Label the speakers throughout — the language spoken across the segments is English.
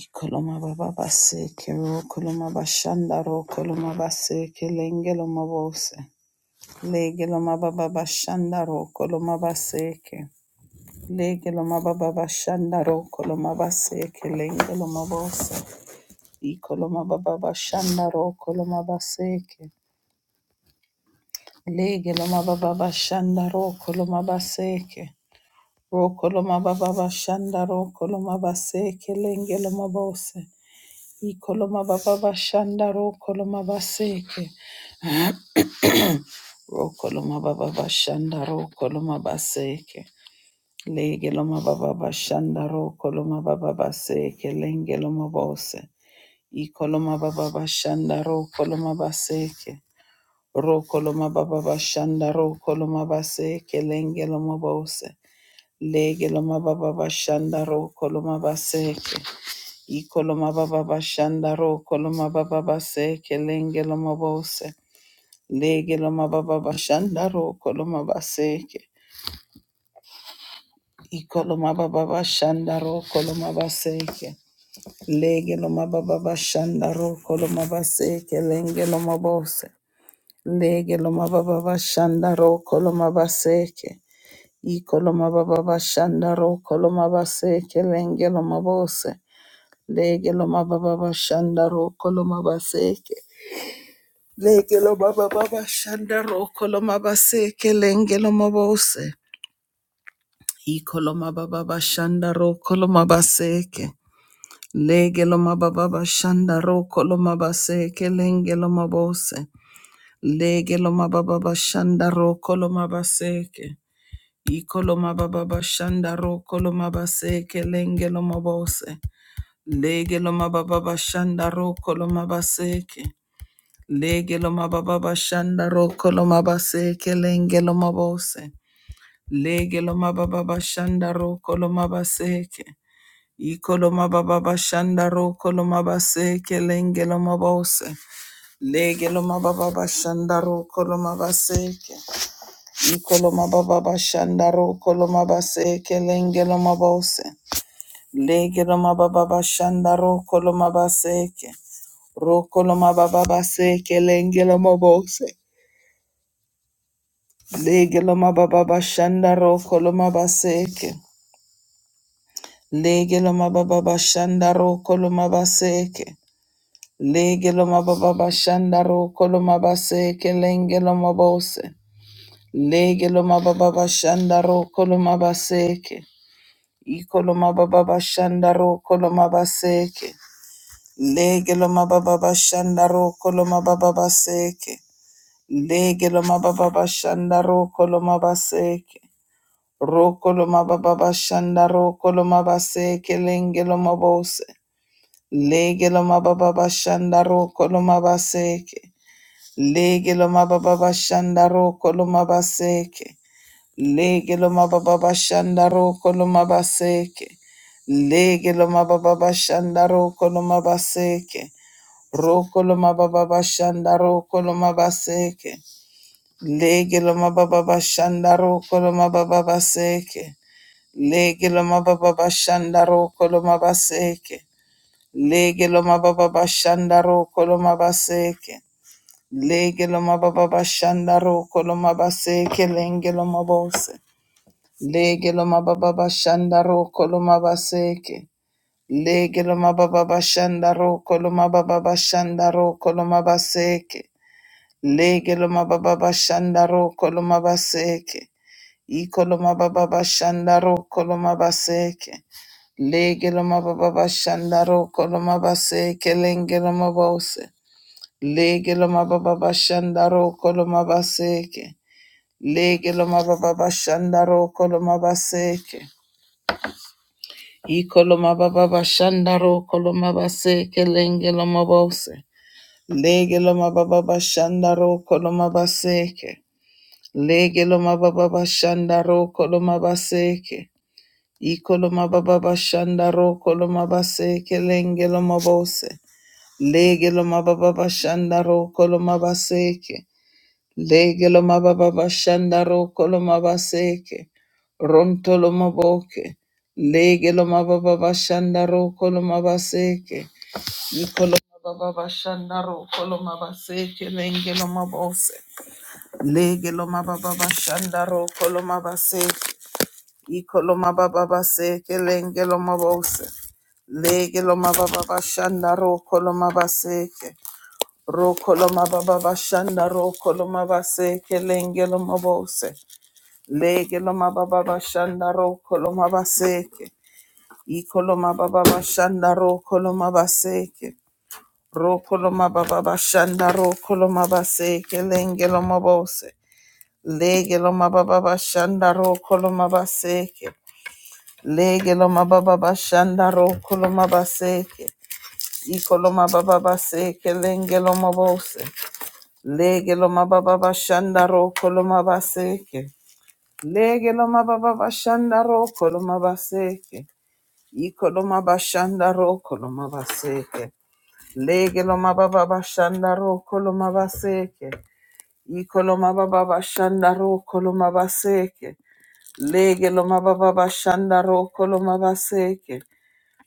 Speaker 1: Ikoloma baba baseke ro koloma bashanda ro koloma baseke lengelo mabose legelo mababa bashanda ro koloma baseke legelo mababa bashanda ro koloma baseke lengelo mabose ikoloma baba bashanda ro koloma baseke legelo mababa bashanda ro koloma baseke ro koloma baba bashanda ro koloma baseke lengelo mabose Ikoloma baba bashanda ro koloma baseke. Ro koloma baba bashanda ro koloma baseke. legeloma baba bashanda ro koloma baba baseke. lengeloma loma bose. Ikoloma baba bashanda ro koloma baseke. Ro koloma baba bashanda ro koloma baseke. lengeloma loma bose. Lege baba bashanda ro koloma baseke. Ikoloma baba bashandaro koloma baba base kelenge loma bose lege loma baba bashandaro koloma baseke ikoloma baba bashandaro koloma baseke lege loma baba bashandaro koloma baseke lenge loma bose lege loma baba bashandaro koloma baseke ikoloma baba bashandaro koloma baseke lenge loma bose lege loma baba bashandaro koloma baseke Lekelo baba baba shanda roko lo mabase kelenge lo mabose. Iko lo mababa baba shanda roko lo mabase ke. Lege lo baba shanda roko lo mabase kelenge lo mabose. Lege lo mababa baba shanda roko lo mabase ke. Iko lo baba shanda roko lo mabase kelenge lo mabose. Lege lo mababa baba shanda roko lo mabase ke. Lege lo mababa shanda roko lo mabase kelenge lo mabose. Lege lo mababa shanda roko lo mabaseke. Iko lo mababa shanda roko lo mabase kelenge lo mabose. Lege lo mababa shanda roko lo mabaseke. Iko lo mababa shanda roko lo mabase kelenge lo mabose. Lege lo mababa shanda roko lo mabaseke. Roko lo mababa seke lenge lo mabose. Lege lo mababa bashanda roko lo mabaseke. Lege lo mababa bashanda roko lo mabaseke. Lege lo mababa bashanda roko lo mabaseke lenge lo mabose. Lege lo mababa bashanda roko lo mabaseke. Iko lo mababa bashanda roko lo baséke. Lege lo mababa bashanda roko lo mababa baseke. Lege lo mababa bashanda roko lo mabaseke. Rokoloma baba shanda rokoloma base kelenge loma bose. Lege loma baba shanda rokoloma baseke. Lege loma baba shanda rokoloma baseke. Lege loma baba shanda rokoloma baseke. Lege loma baba shanda rokoloma baseke. Rokoloma baba shanda rokoloma baseke. Lege baba shanda rokoloma baba baseke. Lege loma mababa bashanda roko loma baseke. Lege loma baba bashanda roko loma baseke. Lege loma baba bashanda roko loma baseke lenge loma bose. Lege loma baba bashanda roko loma baseke. Lege loma baba bashanda roko loma baba bashanda roko loma baseke. Lege loma baba bashanda roko loma baseke. Ikoloma baba bashandaro koloma baseke. Legeloma baba bashandaro koloma baseke lengeloma bose. Legeloma baba bashandaro koloma baseke. Legeloma baba bashandaro koloma baseke. Ikoloma baba bashandaro koloma baseke lengeloma bose. Legeloma baba bashandaro koloma baseke. Legeloma baba bashandaro koloma baseke. Ikoloma baba bashanda ro koloma base kelenge loma bose. Lege loma baba bashanda ro koloma baseke. Lege loma baba bashanda ro koloma baseke. Ronto loma boke. Lege loma baba bashanda ro koloma baseke. Ikoloma baba bashanda ro koloma baseke lenge loma bose. Lege loma baba bashanda ro koloma baseke. Ikoloma baba base kelenge loma bose. Lege loma baba bashanda ro koloma baseke. Ro koloma baba bashanda ro koloma baseke lenge loma bose. Lege loma baba bashanda ro koloma baseke. Ikoloma baba bashanda ro koloma baseke. Ro koloma baba bashanda ro koloma baseke lenge loma bose. Lege loma baba bashanda ro koloma baseke. Lege loma baba bashanda ro koloma baseke. Iko loma baba baseke lenge loma bose. Lege loma baba bashanda ro koloma baseke. Lege loma baba bashanda ro koloma baseke. Iko loma bashanda ro koloma baseke. Lege loma baba bashanda ro koloma baseke. Iko loma baba bashanda ro koloma baseke. Lege loma baba bashanda ro koloma baseke.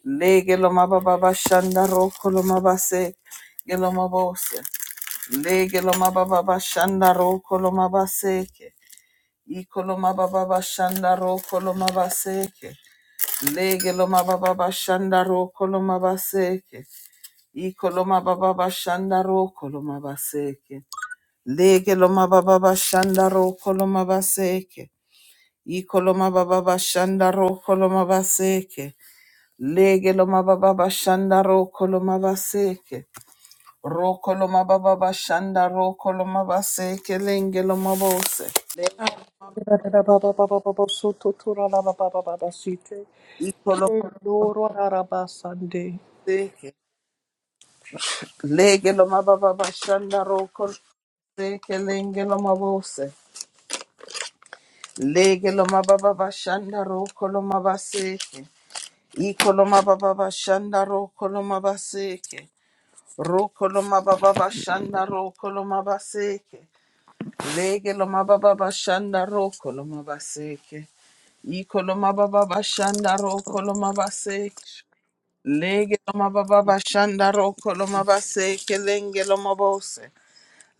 Speaker 1: Le lo baba shanda roko lo mabase gelo mabose. Lege lo mababa shanda roko lo mabaseke. Iko lo mababa shanda roko lo mabaseke. Lege lo mababa shanda roko lo mabaseke. Iko lo mababa shanda roko lo mabaseke. Lege lo mababa shanda roko lo mabaseke. Iko lo mababa shanda roko lo mabaseke. Lege lo mababa bashanda roko lo mabaseke. Roko lo mababa bashanda roko lo mabaseke lenge lo mabose. Le-
Speaker 2: Spirit of unity.
Speaker 1: Iko lo mabaseke. Lege lo mababa bashanda roko lo mabaseke lenge lo mabose. Lege lo mababa bashanda roko lo mabaseke. Iko lo mababa bashanda roko lo mabaseke. Roko lo mababa bashanda roko lo mabaseke. Lege loma baba bashanda roko loma baseke. Iko loma baba bashanda roko loma baseke.
Speaker 3: Ishka
Speaker 1: Lege loma baba bashanda roko loma baseke lenge loma bose.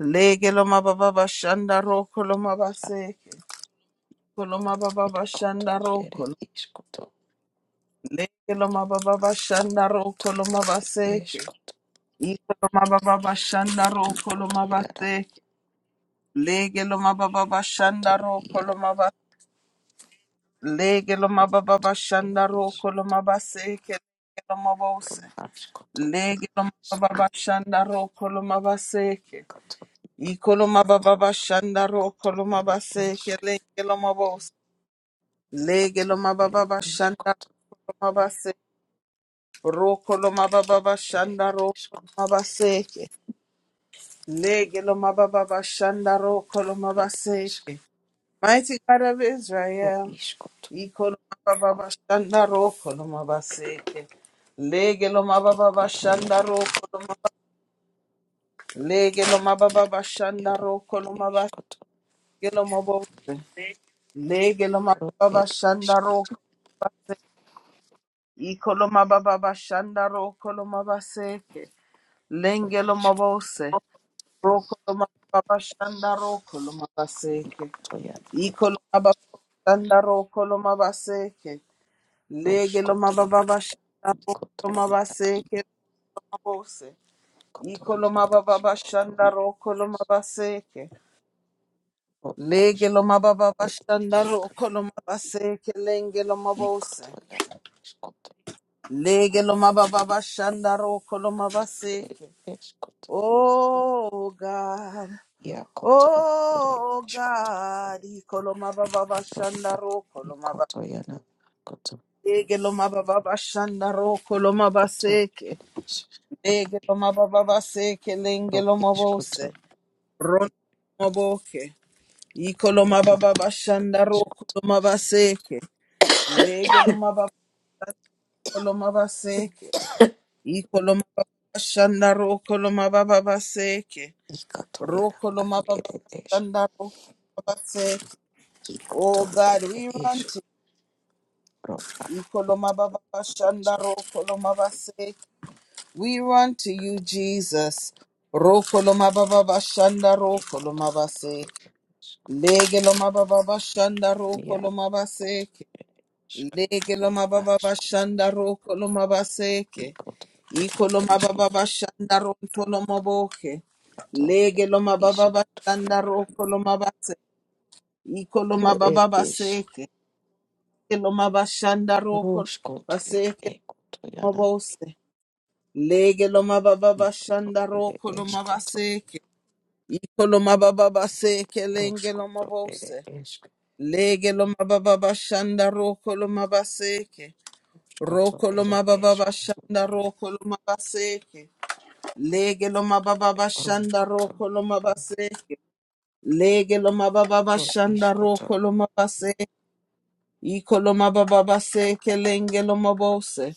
Speaker 1: Lege loma baba bashanda roko loma baseke. Koloma baba
Speaker 3: irkoto
Speaker 1: bashanda
Speaker 3: ere
Speaker 1: roko.
Speaker 3: ishkoto
Speaker 1: Lege loma baba bashanda
Speaker 3: to
Speaker 1: roko loma baseke.
Speaker 3: ishkoto
Speaker 1: Iko loma baba bashanda roko
Speaker 3: ikoto
Speaker 1: loma
Speaker 3: yara
Speaker 1: baseke. Lege loma baba
Speaker 3: koto
Speaker 1: bashanda
Speaker 3: yara
Speaker 1: roko Lege lo
Speaker 3: is
Speaker 1: mababa
Speaker 3: ere
Speaker 1: shanda roko
Speaker 3: ishkoto
Speaker 1: lo mabase ke lege lo mabose.
Speaker 3: ashkoto
Speaker 1: Lege
Speaker 3: ere
Speaker 1: lo mababa shanda roko lo mabase ke.
Speaker 3: ishkoto
Speaker 1: Iko lo
Speaker 3: ikoya
Speaker 1: mababa shanda roko
Speaker 3: ikoto
Speaker 1: lo
Speaker 3: ere
Speaker 1: mabase ke lege lo mabose. Lege lo
Speaker 3: ishkoto ere
Speaker 1: mababa shanda
Speaker 3: ishkoto
Speaker 1: roko lo mabase. Roko lo
Speaker 3: ikoto
Speaker 1: mababa
Speaker 3: ere
Speaker 1: shanda roko lo
Speaker 3: ishkoto
Speaker 1: mabase ke. Lege lo mababa shanda roko
Speaker 3: ishkoto
Speaker 1: lo
Speaker 3: ere
Speaker 1: mabase
Speaker 3: ishkoto
Speaker 1: ke. Mighty God of Israel.
Speaker 3: ishkoto
Speaker 1: Ikoloma bashanda roko loma baseke. Lege loma baba
Speaker 3: ikoto
Speaker 1: bashanda
Speaker 3: yara
Speaker 1: roko loma. Lege loma baba
Speaker 3: ikoto
Speaker 1: bashanda
Speaker 3: yara
Speaker 1: roko
Speaker 3: ere
Speaker 1: loma baseke
Speaker 3: ishkoto
Speaker 1: loma bose. Lege loma
Speaker 3: ro
Speaker 1: baba
Speaker 3: ere
Speaker 1: bashanda
Speaker 3: ishkoto
Speaker 1: roko se. Ikoloma baba bashanda roko loma baseke. Lenge loma
Speaker 3: ishkoto
Speaker 1: bose. Roko loma baba bashanda roko loma baseke.
Speaker 3: ikoto yara
Speaker 1: Ikoloma baba bashanda roko loma baseke.
Speaker 3: ro
Speaker 1: Lege loma
Speaker 3: ishkoto
Speaker 1: baba bashanda roko loma
Speaker 3: Ishkotoyara,
Speaker 1: baseke. Bose.
Speaker 3: kotoyara,
Speaker 1: Ikoloma baba
Speaker 3: ishkotoyara,
Speaker 1: bashanda ro koloma baseke.
Speaker 3: ishkotoyara,
Speaker 1: Lege loma
Speaker 3: ishkotoyara,
Speaker 1: baba
Speaker 3: et
Speaker 1: bashanda
Speaker 3: ishk,
Speaker 1: ro koloma baseke lenge loma bose.
Speaker 3: ikotoyara, ishkoto,
Speaker 1: Lege loma baba bashanda ro koloma
Speaker 3: ikoto, et
Speaker 1: baseke.
Speaker 3: ishkoto,
Speaker 1: Oh God.
Speaker 3: yakoto, ere
Speaker 1: Oh
Speaker 3: ishkoto,
Speaker 1: God. Ikoloma baba bashanda
Speaker 3: roa,
Speaker 1: ro koloma ba-
Speaker 3: ikotoyara, koto,
Speaker 1: Lege loma baba bashanda ro koloma
Speaker 3: ikoto,
Speaker 1: baseke.
Speaker 3: et ishk,
Speaker 1: Lege loma baba baseke lenge
Speaker 3: ro
Speaker 1: loma bose.
Speaker 3: ishkoto,
Speaker 1: Ron moboke. Ikoloma
Speaker 3: ikotoyara,
Speaker 1: baba bashandaro
Speaker 3: ishkoto,
Speaker 1: koloma baseke. Lege loma baba koloma baseke. Ikoloma baba bashandaro koloma baba baseke.
Speaker 3: ikotoyara,
Speaker 1: Roko
Speaker 3: at
Speaker 1: loma baba
Speaker 3: ere ishk,
Speaker 1: bashandaro koloma baseke. Oh
Speaker 3: ikoto,
Speaker 1: God,
Speaker 3: ere
Speaker 1: we run
Speaker 3: ishk,
Speaker 1: to
Speaker 3: roa,
Speaker 1: you. Ikoloma
Speaker 3: koto,
Speaker 1: baba bashandaro
Speaker 3: ishkoto,
Speaker 1: koloma baseke. We run to you,
Speaker 3: koto,
Speaker 1: Jesus. Roko loma baba bashandaro koloma
Speaker 3: ikotoyara,
Speaker 1: baseke.
Speaker 3: et ishk.
Speaker 1: Lege loma baba bashandaro
Speaker 3: Yeah.
Speaker 1: koloma baseke. Lege loma baba bashanda roko loma baseke. Iko loma baba bashanda ronto loma boke. Lege loma baba bashanda roko loma base. Iko loma
Speaker 3: Ro, Ere,
Speaker 1: baba
Speaker 3: Ish,
Speaker 1: baseke. Lege loma bashanda roko
Speaker 3: Roshkoto,
Speaker 1: baseke loma
Speaker 3: Yana,
Speaker 1: bose. Lege loma baba bashanda
Speaker 3: Ere,
Speaker 1: roko loma
Speaker 3: Eshkoto,
Speaker 1: baseke. Iko loma baba baseke lenge loma
Speaker 3: Roshkoto, Ere,
Speaker 1: bose. Lege loma baba bashanda roko loma baseke.
Speaker 3: Eshkoto,
Speaker 1: Roko
Speaker 3: Ere,
Speaker 1: loma baba
Speaker 3: Eshkoto,
Speaker 1: bashanda roko loma baseke. Lege loma baba bashanda
Speaker 3: Roshkoto,
Speaker 1: roko loma baseke. Lege loma baba
Speaker 3: Ro,
Speaker 1: bashanda
Speaker 3: Ishkoto,
Speaker 1: roko loma baseke. Iko loma baba baseke lenge loma bose.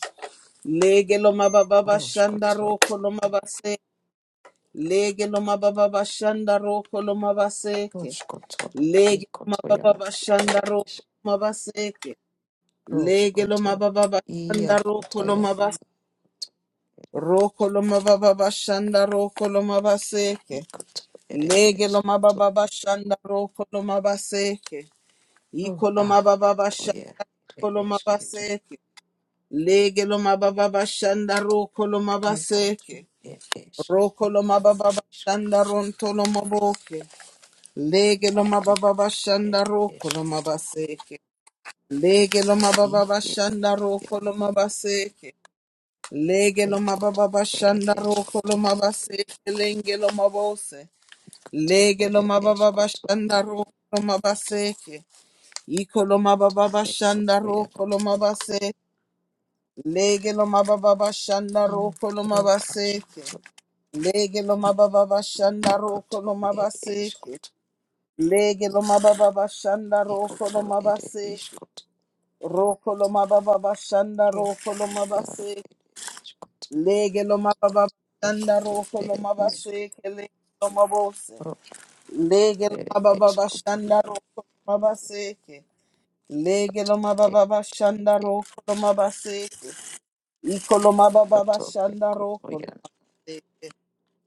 Speaker 1: Lege loma baba bashanda
Speaker 3: Roshkoto,
Speaker 1: roko loma baseke. Lege loma baba bashanda roko loma baseke.
Speaker 3: Roshkoto,
Speaker 1: Lege loma
Speaker 3: Ikoto,
Speaker 1: baba
Speaker 3: Yana, Ere,
Speaker 1: bashanda roko
Speaker 3: Ish,
Speaker 1: loma baseke. Lege loma baba bashanda roko loma
Speaker 3: Yana,
Speaker 1: baseke. Roko loma baba bashanda roko loma baseke.
Speaker 3: Ikotoyere
Speaker 1: Lege loma
Speaker 3: eskuto.
Speaker 1: baba bashanda roko loma baseke. Iko loma
Speaker 3: Ah,
Speaker 1: baba bashanda
Speaker 3: kotoyere
Speaker 1: loma
Speaker 3: eskuto.
Speaker 1: baseke. Lege loma baba bashanda roko loma baseke.
Speaker 3: Ikotoyere eskuto.
Speaker 1: Roko loma baba bashanda ronto loma boke. Lege loma baba bashanda
Speaker 3: Ere
Speaker 1: roko loma
Speaker 3: eskuto.
Speaker 1: baseke. Lege loma baba
Speaker 3: Ike
Speaker 1: bashanda
Speaker 3: kotoyere
Speaker 1: roko loma baseke. Lege lo mababa
Speaker 3: ekotoyere
Speaker 1: bashanda roko lo
Speaker 3: eskuto.
Speaker 1: mabase kelenge lo mabose. Lege lo
Speaker 3: Ikotoyere
Speaker 1: mababa
Speaker 3: eskuto.
Speaker 1: bashanda roko lo mabaseke. Iko lo mababa bashanda
Speaker 3: Ekotoyere
Speaker 1: roko lo
Speaker 3: eskuto.
Speaker 1: mabase. Lege lo mababa bashanda roko lo
Speaker 3: Iro
Speaker 1: mabaseke.
Speaker 3: askuto.
Speaker 1: Lege lo mababa bashanda roko lo
Speaker 3: Ikotoyere
Speaker 1: mabaseke.
Speaker 3: eskuto.
Speaker 1: Lege lo mababa bashanda roko lo
Speaker 3: Ikotoyere
Speaker 1: mabase.
Speaker 3: eskuto.
Speaker 1: Roko lo mababa bashanda
Speaker 3: Ro
Speaker 1: roko lo
Speaker 3: iaro
Speaker 1: mabase.
Speaker 3: eskuto.
Speaker 1: Lege lo mababa shanda roko lo
Speaker 3: Ekotoyere eskuto.
Speaker 1: mabase kele lo mabose.
Speaker 3: Ro
Speaker 1: Lege lo
Speaker 3: ere
Speaker 1: mababa
Speaker 3: eskuto.
Speaker 1: shanda roko lo mabase ke. Lege
Speaker 3: Escoto,
Speaker 1: lo
Speaker 3: ere,
Speaker 1: mababa shanda roko lo mabase ke. Iko lo mababa shanda roko lo se.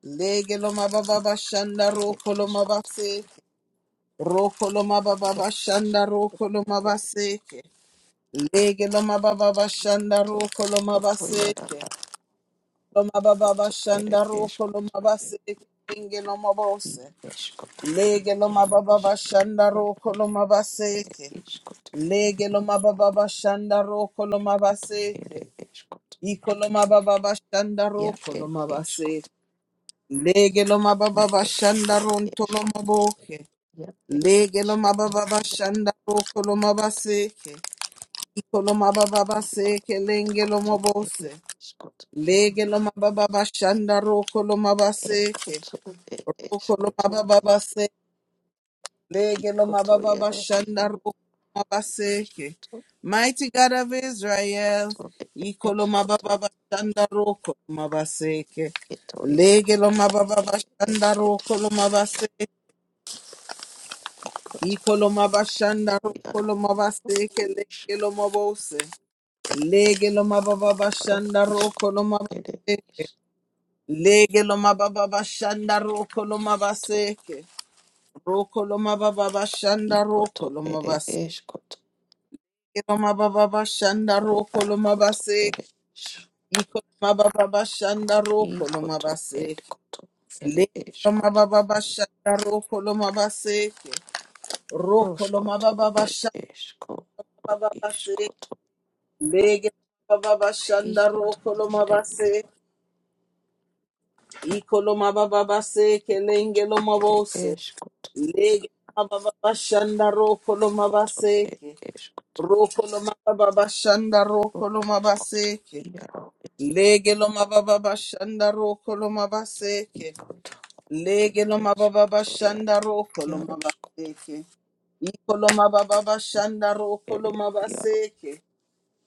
Speaker 1: Lege lo mababa shanda roko lo mabase ke. Roko lo mababa shanda roko lo mabase ke. Lege lo mababa shanda roko lo mabase ke. Loma baba bashanda roko
Speaker 3: escoto,
Speaker 1: loma base kenge loma bose. Lege loma baba bashanda roko loma baseke. Lege loma baba bashanda roko loma baseke. Iko loma baba bashanda roko loma base. Lege loma baba bashanda ronto loma boke. Lege loma baba bashanda roko loma baseke. Iko loma baba baseke lenge loma bose. Lege loma baba bashanda roko loma
Speaker 3: e,
Speaker 1: baseke.
Speaker 3: coto, e,
Speaker 1: Roko lo
Speaker 3: escoto,
Speaker 1: mababa base, lege lo mababa
Speaker 3: Kotoyera
Speaker 1: bashanda
Speaker 3: iharu
Speaker 1: roko lo mabaseke.
Speaker 3: to
Speaker 1: Mighty God of Israel,
Speaker 3: to
Speaker 1: iko lo
Speaker 3: eskoto
Speaker 1: mababa bashanda roko lo mabaseke.
Speaker 3: ketoyera
Speaker 1: Lege lo mababa bashanda
Speaker 3: eskoto
Speaker 1: roko lo mabase,
Speaker 3: koto
Speaker 1: iko lo mabashanda roko
Speaker 3: eketoyana
Speaker 1: lo mabaseke, lege lo mabose. Lege lo mababa
Speaker 3: ro
Speaker 1: bashanda roko lo
Speaker 3: iskoto ere
Speaker 1: mabase, lege lo mababa bashanda roko lo
Speaker 3: isto
Speaker 1: mabaseke. Roko loma baba bashanda
Speaker 3: ikoto
Speaker 1: roko loma
Speaker 3: ere
Speaker 1: base.
Speaker 3: eskoto
Speaker 1: Loma baba bashanda
Speaker 3: ro
Speaker 1: roko loma
Speaker 3: akoto
Speaker 1: base.
Speaker 3: ere is-
Speaker 1: Iko loma baba bashanda roko loma
Speaker 3: ikoto ed
Speaker 1: base.
Speaker 3: koto ere
Speaker 1: Le loma
Speaker 3: eskoto
Speaker 1: baba bashanda roko loma base. Roko loma
Speaker 3: roskoto
Speaker 1: baba
Speaker 3: ed
Speaker 1: bashanda
Speaker 3: esko ro
Speaker 1: baba base.
Speaker 3: iskoto
Speaker 1: Lege baba bashanda
Speaker 3: hikoto
Speaker 1: roko loma
Speaker 3: ere
Speaker 1: base.
Speaker 3: iharu
Speaker 1: Iko loma baba base ke
Speaker 3: koto
Speaker 1: lenge loma
Speaker 3: ere
Speaker 1: bose.
Speaker 3: eskoto
Speaker 1: Lege baba bashanda roko loma
Speaker 3: yakoto
Speaker 1: base.
Speaker 3: ed eskoto
Speaker 1: Rokoloma baba bashanda rokoloma
Speaker 3: Escuto
Speaker 1: baseke.
Speaker 3: Yaro Escuto
Speaker 1: Lege loma baba bashanda rokoloma baseke. Lege loma baba
Speaker 3: Escuto Yaro
Speaker 1: bashanda rokoloma
Speaker 3: Yaro Escuto
Speaker 1: baseke. Ikoloma baba bashanda
Speaker 3: Ere
Speaker 1: rokoloma
Speaker 3: Yaro
Speaker 1: baseke.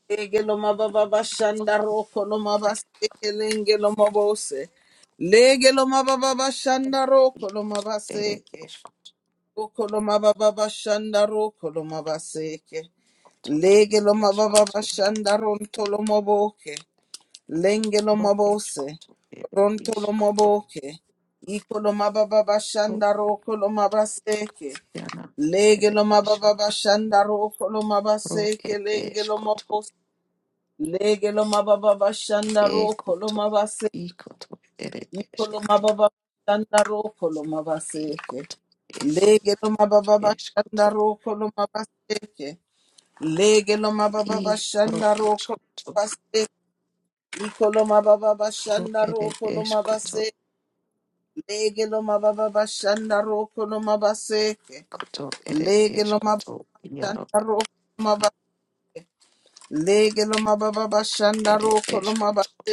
Speaker 1: Lege loma baba bashanda rokoloma baseke. Lenge loma bose. Lege loma baba bashanda rokoloma
Speaker 3: Ere
Speaker 1: baseke.
Speaker 3: Escuto
Speaker 1: Rokoloma baba bashanda rokoloma baseke.
Speaker 3: Ere
Speaker 1: Lege lo mababa
Speaker 3: Escuto
Speaker 1: bashanda ronto lo maboke. Lenge lo
Speaker 3: Ro
Speaker 1: mabose.
Speaker 3: Escuto Ere
Speaker 1: Ronto lo
Speaker 3: Escuto
Speaker 1: maboke. Iko lo mababa
Speaker 3: Ro
Speaker 1: bashanda roko lo mabaseke.
Speaker 3: Yana
Speaker 1: Lege
Speaker 3: Ere
Speaker 1: lo
Speaker 3: Escuto
Speaker 1: mababa bashanda roko lo
Speaker 3: Ro
Speaker 1: mabaseke.
Speaker 3: Ere
Speaker 1: Lenge lo
Speaker 3: Escuto
Speaker 1: mabose. Lege lo mababa bashanda roko lo
Speaker 3: Escuto
Speaker 1: mabase.
Speaker 3: Escuto Ere
Speaker 1: Iko lo
Speaker 3: Escuto
Speaker 1: mababa bashanda roko lo mabaseke.
Speaker 3: Escuto Escuto
Speaker 1: Lege lo mababa bashanda
Speaker 3: Escuto
Speaker 1: roko lo mabaseke. Legelo mababa
Speaker 3: I Ro
Speaker 1: shanda roko
Speaker 3: Escuto
Speaker 1: mabase, ikolo mababa
Speaker 3: Ro
Speaker 1: shanda
Speaker 3: Ere
Speaker 1: roko lo
Speaker 3: Escoto
Speaker 1: mabase, legelo mababa shanda roko lo mabase,
Speaker 3: koto ere
Speaker 1: legelo mababa
Speaker 3: eskoto yaro
Speaker 1: shanda roko lo mabase, legelo mababa
Speaker 3: akoto
Speaker 1: shanda
Speaker 3: ere
Speaker 1: roko lo
Speaker 3: eskoto
Speaker 1: mabase,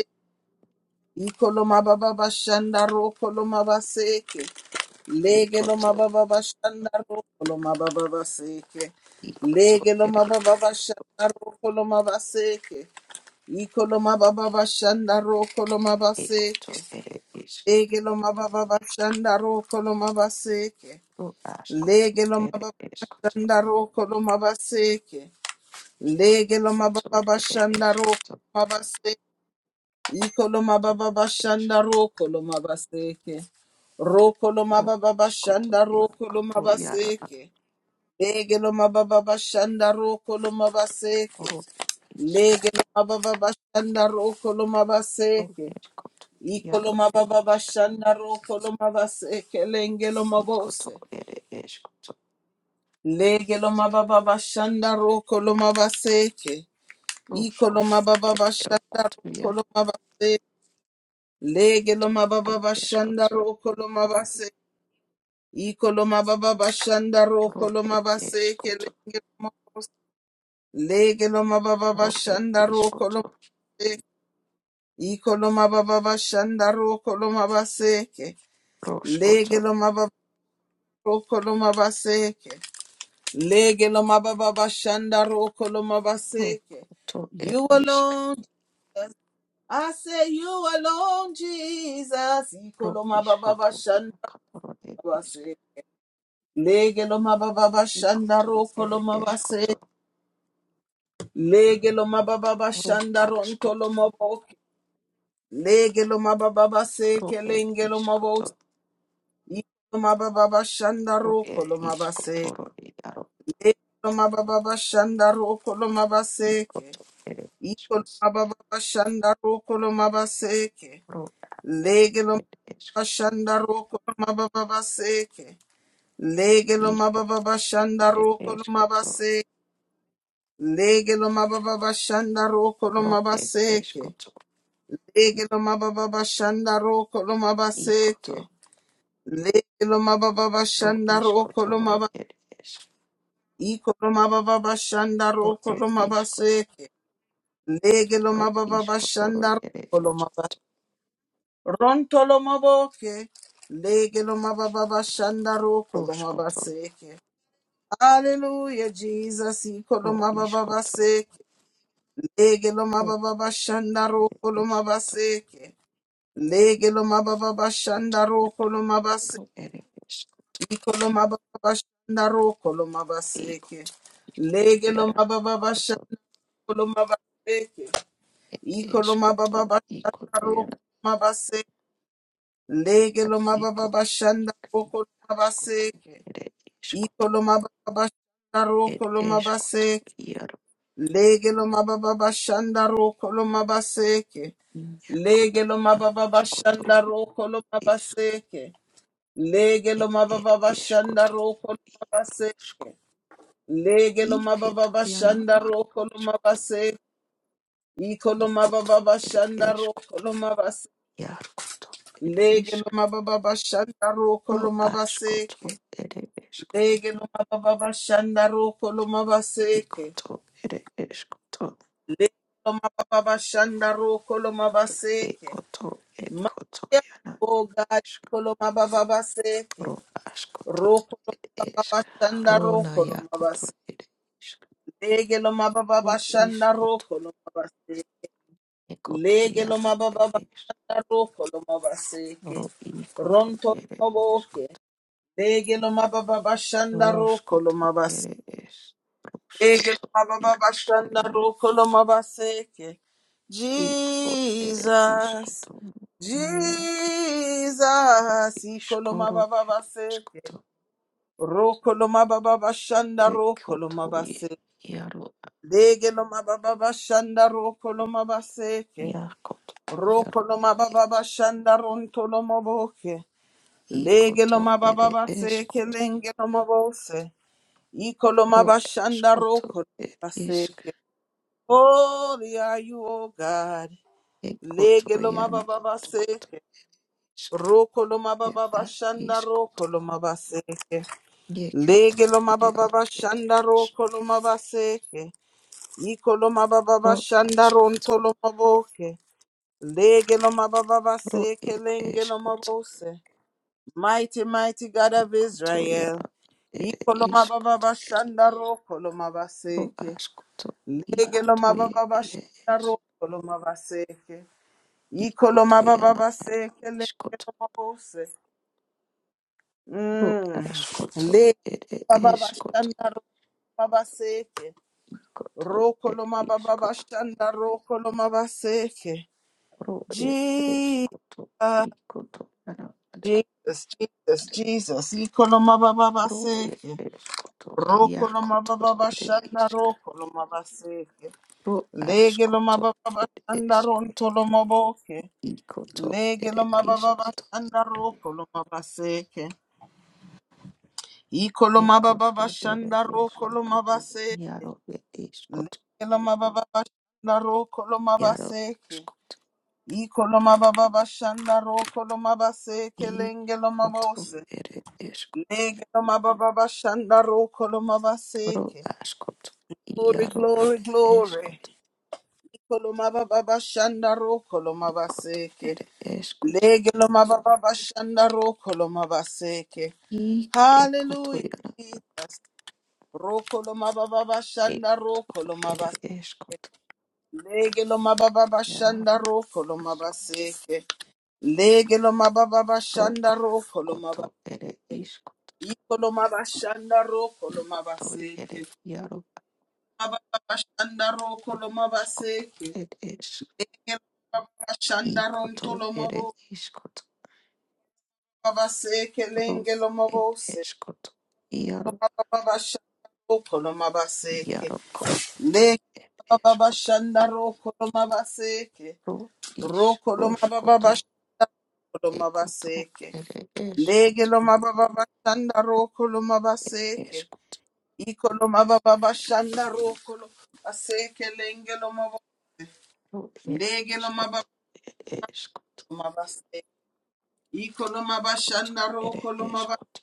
Speaker 1: ikolo mababa shanda roko lo mabase, legelo
Speaker 3: ekoto
Speaker 1: mababa shanda roko lo mababa seke,
Speaker 3: ikoto
Speaker 1: legelo
Speaker 3: ere
Speaker 1: mababa shanda roko lo mabase, Ikoloma baba bashanda ro koloma
Speaker 3: ekoto
Speaker 1: baseke.
Speaker 3: ere isk
Speaker 1: Legeloma baba bashanda ro koloma baseke.
Speaker 3: ro askoto
Speaker 1: Legeloma
Speaker 3: ere
Speaker 1: baba
Speaker 3: eskoto
Speaker 1: bashanda ro koloma baseke. Legeloma baba
Speaker 3: koto ere
Speaker 1: bashanda ro
Speaker 3: eskoto
Speaker 1: koloma baseke. Ikoloma
Speaker 3: ro
Speaker 1: baba
Speaker 3: esk
Speaker 1: bashanda ro koloma baseke. Ro koloma
Speaker 3: ro
Speaker 1: baba
Speaker 3: iskoto
Speaker 1: bashanda ro koloma
Speaker 3: ekoto yaro
Speaker 1: baseke. Lege lo mababa bashanda roko lo mabaseke.
Speaker 3: ro isk
Speaker 1: Lege lo mababa bashanda roko lo
Speaker 3: ro
Speaker 1: mabaseke.
Speaker 3: eskoto
Speaker 1: Iko lo
Speaker 3: yaro ere
Speaker 1: mababa
Speaker 3: isk
Speaker 1: bashanda roko lo mabaseke. Lenge lo
Speaker 3: ikoto
Speaker 1: mabose.
Speaker 3: ere eskoto
Speaker 1: Lege lo mababa bashanda roko lo mabaseke.
Speaker 3: ro
Speaker 1: Iko lo
Speaker 3: skoto
Speaker 1: mababa
Speaker 3: ere
Speaker 1: bashanda
Speaker 3: ekoto
Speaker 1: roko lo
Speaker 3: yaro
Speaker 1: mabaseke. Lege lo mababa
Speaker 3: ere
Speaker 1: bashanda
Speaker 3: eskoto
Speaker 1: roko lo mabaseke. Iko lo mababa bashanda
Speaker 3: ro
Speaker 1: roko lo
Speaker 3: ere
Speaker 1: mabaseke.
Speaker 3: eskoto
Speaker 1: Lenge lo mabose. Legeloma baba
Speaker 3: Ro ed
Speaker 1: bashanda rokoloma
Speaker 3: iskoto,
Speaker 1: ikoloma baba bashanda rokoloma baseke
Speaker 3: roskoto,
Speaker 1: legeloma baba rokoloma baseke legeloma baba bashanda rokoloma baseke
Speaker 3: rokoto ed
Speaker 1: you
Speaker 3: isk,
Speaker 1: alone Jesus. I say you alone Jesus
Speaker 3: ro
Speaker 1: ikoloma baba
Speaker 3: iskoto
Speaker 1: bashanda
Speaker 3: iakaporo ed isk,
Speaker 1: baseke legeloma baba bashanda
Speaker 3: ikoto ed
Speaker 1: rokoloma baseke
Speaker 3: eskoto,
Speaker 1: legeloma baba
Speaker 3: ro
Speaker 1: bashanda
Speaker 3: askoto,
Speaker 1: rontoloma Legelo mababa se
Speaker 3: ro ed
Speaker 1: kelengelo mabo
Speaker 3: iskoto,
Speaker 1: ikolo mababa
Speaker 3: ro
Speaker 1: shandaro
Speaker 3: ed
Speaker 1: kolo mabase
Speaker 3: iskoto, ro iaro,
Speaker 1: legelo mababa shandaro kolo mabase
Speaker 3: ikoto ed
Speaker 1: ikolo
Speaker 3: eskos,
Speaker 1: mababa shandaro kolo mabase
Speaker 3: ro
Speaker 1: legelo
Speaker 3: ed
Speaker 1: mababa
Speaker 3: esko,
Speaker 1: shandaro kolo mababa seke legelo
Speaker 3: iko
Speaker 1: mababa
Speaker 3: ed
Speaker 1: shandaro kolo
Speaker 3: eskoto,
Speaker 1: mabase legelo mababa shandaro kolo
Speaker 3: ro ed
Speaker 1: mabase
Speaker 3: eskoto,
Speaker 1: legelo mababa shandaro kolo mabase
Speaker 3: ikoto,
Speaker 1: Lelo mababa
Speaker 3: ro
Speaker 1: bashanda roko
Speaker 3: iskoto,
Speaker 1: lo
Speaker 3: ro
Speaker 1: maba
Speaker 3: ed esk,
Speaker 1: iko lo mababa bashanda
Speaker 3: ro
Speaker 1: roko lo
Speaker 3: ed iskoto,
Speaker 1: mabaseke. Lege
Speaker 3: ro iskoto, ro
Speaker 1: bashanda
Speaker 3: ed
Speaker 1: roko lo
Speaker 3: eskoto.
Speaker 1: maba ronto lo maboke. bashanda roko lo
Speaker 3: Roshkoto,
Speaker 1: Hallelujah, Jesus. Iko lo
Speaker 3: ro ishkoto,
Speaker 1: baseke. Lege lo
Speaker 3: ro
Speaker 1: bashanda roko lo
Speaker 3: ishkoto,
Speaker 1: mabaseke. Lege bashanda roko
Speaker 3: ro ere ishko,
Speaker 1: Ikolo mababa bashanda Ikolomabababashandaro
Speaker 3: ikoto
Speaker 1: kolomabaseke. Lege lo
Speaker 3: yara,
Speaker 1: mababa
Speaker 3: koto,
Speaker 1: bashanda kolomabaseke.
Speaker 3: ere ishkoto, ikoto
Speaker 1: Ikolomabababashandaro
Speaker 3: yara,
Speaker 1: kolomabaseke. Lege lo mababa
Speaker 3: ikoto,
Speaker 1: bashanda
Speaker 3: ashkoto,
Speaker 1: kolomabaseke.
Speaker 3: ere ishkoto,
Speaker 1: Ikolomabababashandaro
Speaker 3: ere ishkoto,
Speaker 1: kolomabaseke.
Speaker 3: yaro,
Speaker 1: Lege lomabababashandaro kolomabaseke.
Speaker 3: inya koto
Speaker 1: Lege
Speaker 3: yara, ishkoto,
Speaker 1: lomabababashandaro
Speaker 3: ish,
Speaker 1: kolomabaseke. Lege
Speaker 3: e- ere ishkoto,
Speaker 1: lomabababashandaro kolomabaseke.
Speaker 3: ishko,
Speaker 1: Legelo mababa
Speaker 3: iketo yana,
Speaker 1: bashanda
Speaker 3: aro,
Speaker 1: roko lo
Speaker 3: ishkoto,
Speaker 1: mabase. Iko
Speaker 3: ikoto,
Speaker 1: mababa
Speaker 3: ere
Speaker 1: bashanda roko
Speaker 3: ishkoto,
Speaker 1: lo mabase.
Speaker 3: yarkoto, ere
Speaker 1: Lege
Speaker 3: ishk.
Speaker 1: mababa bashanda roko lo
Speaker 3: ro
Speaker 1: mabase.
Speaker 3: askoto ere eskoto
Speaker 1: Lege mababa bashanda roko lo mabase.
Speaker 3: ikoto ere eskoto
Speaker 1: Lege mababa bashanda roko lo mabase.
Speaker 3: ekoto ekoto
Speaker 1: Maya
Speaker 3: yana
Speaker 1: o gari ko
Speaker 3: esko
Speaker 1: lo mababa base.
Speaker 3: ro askoto
Speaker 1: Roko lo mababa
Speaker 3: eska
Speaker 1: bashanda
Speaker 3: ro na
Speaker 1: roko lo
Speaker 3: yakoto
Speaker 1: mabase.
Speaker 3: ere esko
Speaker 1: Lege mababa
Speaker 3: ro
Speaker 1: bashanda
Speaker 3: iskoto
Speaker 1: roko lo mabase.
Speaker 3: ekoto
Speaker 1: Lege lo
Speaker 3: yara
Speaker 1: mababa
Speaker 3: ere esko
Speaker 1: roko lo mabaseke.
Speaker 3: ro ikoto
Speaker 1: Ronto lo
Speaker 3: ere
Speaker 1: maboke.
Speaker 3: eskoto
Speaker 1: Lege lo mababa bashanda
Speaker 3: ro
Speaker 1: roko lo
Speaker 3: skoto
Speaker 1: mabaseke.
Speaker 3: ere es ro
Speaker 1: Lege lo
Speaker 3: skoto
Speaker 1: mababa
Speaker 3: ikoto
Speaker 1: bashanda
Speaker 3: yana
Speaker 1: roko lo mabaseke.
Speaker 3: iko ere
Speaker 1: Jesus.
Speaker 3: iskoto na yaka
Speaker 1: Jesus. Iko lo
Speaker 3: iskoro
Speaker 1: mababa
Speaker 3: ere
Speaker 1: baseke.
Speaker 3: eskoto
Speaker 1: Roko lo mababa bashanda roko lo
Speaker 3: Ekoto ye
Speaker 1: mabaseke.
Speaker 3: yaro
Speaker 1: Lege lo mababa bashanda roko lo mabaseke.
Speaker 3: yakoto yaro it
Speaker 1: Rokoloma baba
Speaker 3: is
Speaker 1: bashanda rontoloma boke.
Speaker 3: ikoto
Speaker 1: Legeloma baba
Speaker 3: ere
Speaker 1: baseke
Speaker 3: eskoto
Speaker 1: lengeloma bose. Ikoloma
Speaker 3: ro
Speaker 1: bashanda
Speaker 3: eskoto
Speaker 1: rokoloma
Speaker 3: it isk
Speaker 1: baseke. Holy are you, O God.
Speaker 3: ekoto
Speaker 1: Legeloma
Speaker 3: yano
Speaker 1: baba
Speaker 3: eskoto
Speaker 1: baseke.
Speaker 3: isk
Speaker 1: Rokoloma baba
Speaker 3: yeba
Speaker 1: bashanda
Speaker 3: iskoto
Speaker 1: rokoloma baseke.
Speaker 3: yekoto
Speaker 1: Legeloma baba
Speaker 3: yaro ere
Speaker 1: bashanda
Speaker 3: is
Speaker 1: rokoloma baseke. Ikoloma baba
Speaker 3: ro
Speaker 1: bashanda
Speaker 3: askoto
Speaker 1: rontoloma boke. Legelo mababa
Speaker 3: ro
Speaker 1: seke
Speaker 3: it
Speaker 1: lengelo
Speaker 3: eskoto
Speaker 1: mabose. Mighty, mighty God of
Speaker 3: ikoto
Speaker 1: Israel.
Speaker 3: yaro ere
Speaker 1: Ikolo mababa
Speaker 3: iskoto
Speaker 1: bashanda roko lo
Speaker 3: ro
Speaker 1: mabaseke.
Speaker 3: askoto
Speaker 1: Legelo
Speaker 3: ikoto ye
Speaker 1: mababa
Speaker 3: ere
Speaker 1: bashanda
Speaker 3: is
Speaker 1: roko lo mabaseke. Ikolo
Speaker 3: ikoto
Speaker 1: mababa
Speaker 3: yana are
Speaker 1: baseke
Speaker 3: iskoto
Speaker 1: lengelo mabose.
Speaker 3: Ru
Speaker 1: Mm.
Speaker 3: askoto
Speaker 1: Le
Speaker 3: ere
Speaker 1: baba
Speaker 3: eskoto
Speaker 1: bashanda roko mabaseke.
Speaker 3: ikoto
Speaker 1: Roko lo
Speaker 3: ere
Speaker 1: mababa
Speaker 3: iskoto.
Speaker 1: bashanda roko lo mabaseke.
Speaker 3: Ru ere eskoto ikoto ana ere.
Speaker 1: Jesus, Jesus, Jesus. Ikoloma baba
Speaker 3: Ru ere
Speaker 1: baseke.
Speaker 3: eskoto
Speaker 1: Roko loma
Speaker 3: iakoto
Speaker 1: baba
Speaker 3: ere
Speaker 1: bashanda
Speaker 3: iska.
Speaker 1: roko loma baseke.
Speaker 3: Ru
Speaker 1: Lege loma
Speaker 3: askoto
Speaker 1: baba
Speaker 3: ere
Speaker 1: bashanda
Speaker 3: eskoto
Speaker 1: ronto boke.
Speaker 3: ikoto
Speaker 1: Lege
Speaker 3: ere
Speaker 1: loma baba
Speaker 3: iskoto.
Speaker 1: bashanda roko loma baseke. Ikoloma baba
Speaker 3: Ekoto ere
Speaker 1: bashanda roko
Speaker 3: eskoto.
Speaker 1: loma baseke.
Speaker 3: Iaro ere iskoto.
Speaker 1: Lege loma baba bashanda roko loma
Speaker 3: Iaro
Speaker 1: baseke.
Speaker 3: askoto.
Speaker 1: Ikoloma baba bashanda roko loma baseke. Lenge loma
Speaker 3: Ikoto
Speaker 1: bose.
Speaker 3: ere eskoto.
Speaker 1: Negro baba shanda ro koloma
Speaker 3: Ro
Speaker 1: baseke.
Speaker 3: askot,
Speaker 1: Glory,
Speaker 3: iaro
Speaker 1: glory,
Speaker 3: ere
Speaker 1: glory.
Speaker 3: eskot,
Speaker 1: Koloma baba shanda ro koloma
Speaker 3: kot
Speaker 1: baseke.
Speaker 3: ere eskot,
Speaker 1: Negro baba shanda ro koloma baseke.
Speaker 3: ik ekoto
Speaker 1: Hallelujah.
Speaker 3: iara,
Speaker 1: Ro koloma baba shanda
Speaker 3: ekoto
Speaker 1: ro koloma baseke.
Speaker 3: ere eskot,
Speaker 1: Negro baba shanda
Speaker 3: iaro
Speaker 1: ro koloma
Speaker 3: iskot,
Speaker 1: baseke. Negro baba
Speaker 3: ro a,
Speaker 1: shanda ro koloma baseke.
Speaker 3: koto ere iskot,
Speaker 1: Ikoloma bashanda ro koloma
Speaker 3: ikoto
Speaker 1: baseke.
Speaker 3: ere iaro,
Speaker 1: Babashandaro
Speaker 3: ro askot,
Speaker 1: Kolomabaseke,
Speaker 3: ed es,
Speaker 1: Babashandaron
Speaker 3: ikoto ere
Speaker 1: Tolomobo,
Speaker 3: iskot,
Speaker 1: Babaseke,
Speaker 3: ro ed
Speaker 1: Lengelomobose,
Speaker 3: eskot, iaro,
Speaker 1: Babashandaro Kolomabaseke,
Speaker 3: iaroko,
Speaker 1: Leg
Speaker 3: ed eskot,
Speaker 1: Babashandaro Kolomabaseke,
Speaker 3: ro is, roskot
Speaker 1: Rokolomababasholomabaseke,
Speaker 3: Ekoto ere eskoto
Speaker 1: Legelomababashandaro
Speaker 3: ere
Speaker 1: Kolomabaseke,
Speaker 3: eskoto
Speaker 1: Ikolomababashandaro Kolomabaseke, Lengelomobo,
Speaker 3: ro ere iskoto
Speaker 1: Legelomababaseke.
Speaker 3: ere eskoto
Speaker 1: Ikoloma
Speaker 3: koto
Speaker 1: bashanda ro,
Speaker 3: ere
Speaker 1: koloma ba
Speaker 3: eskoto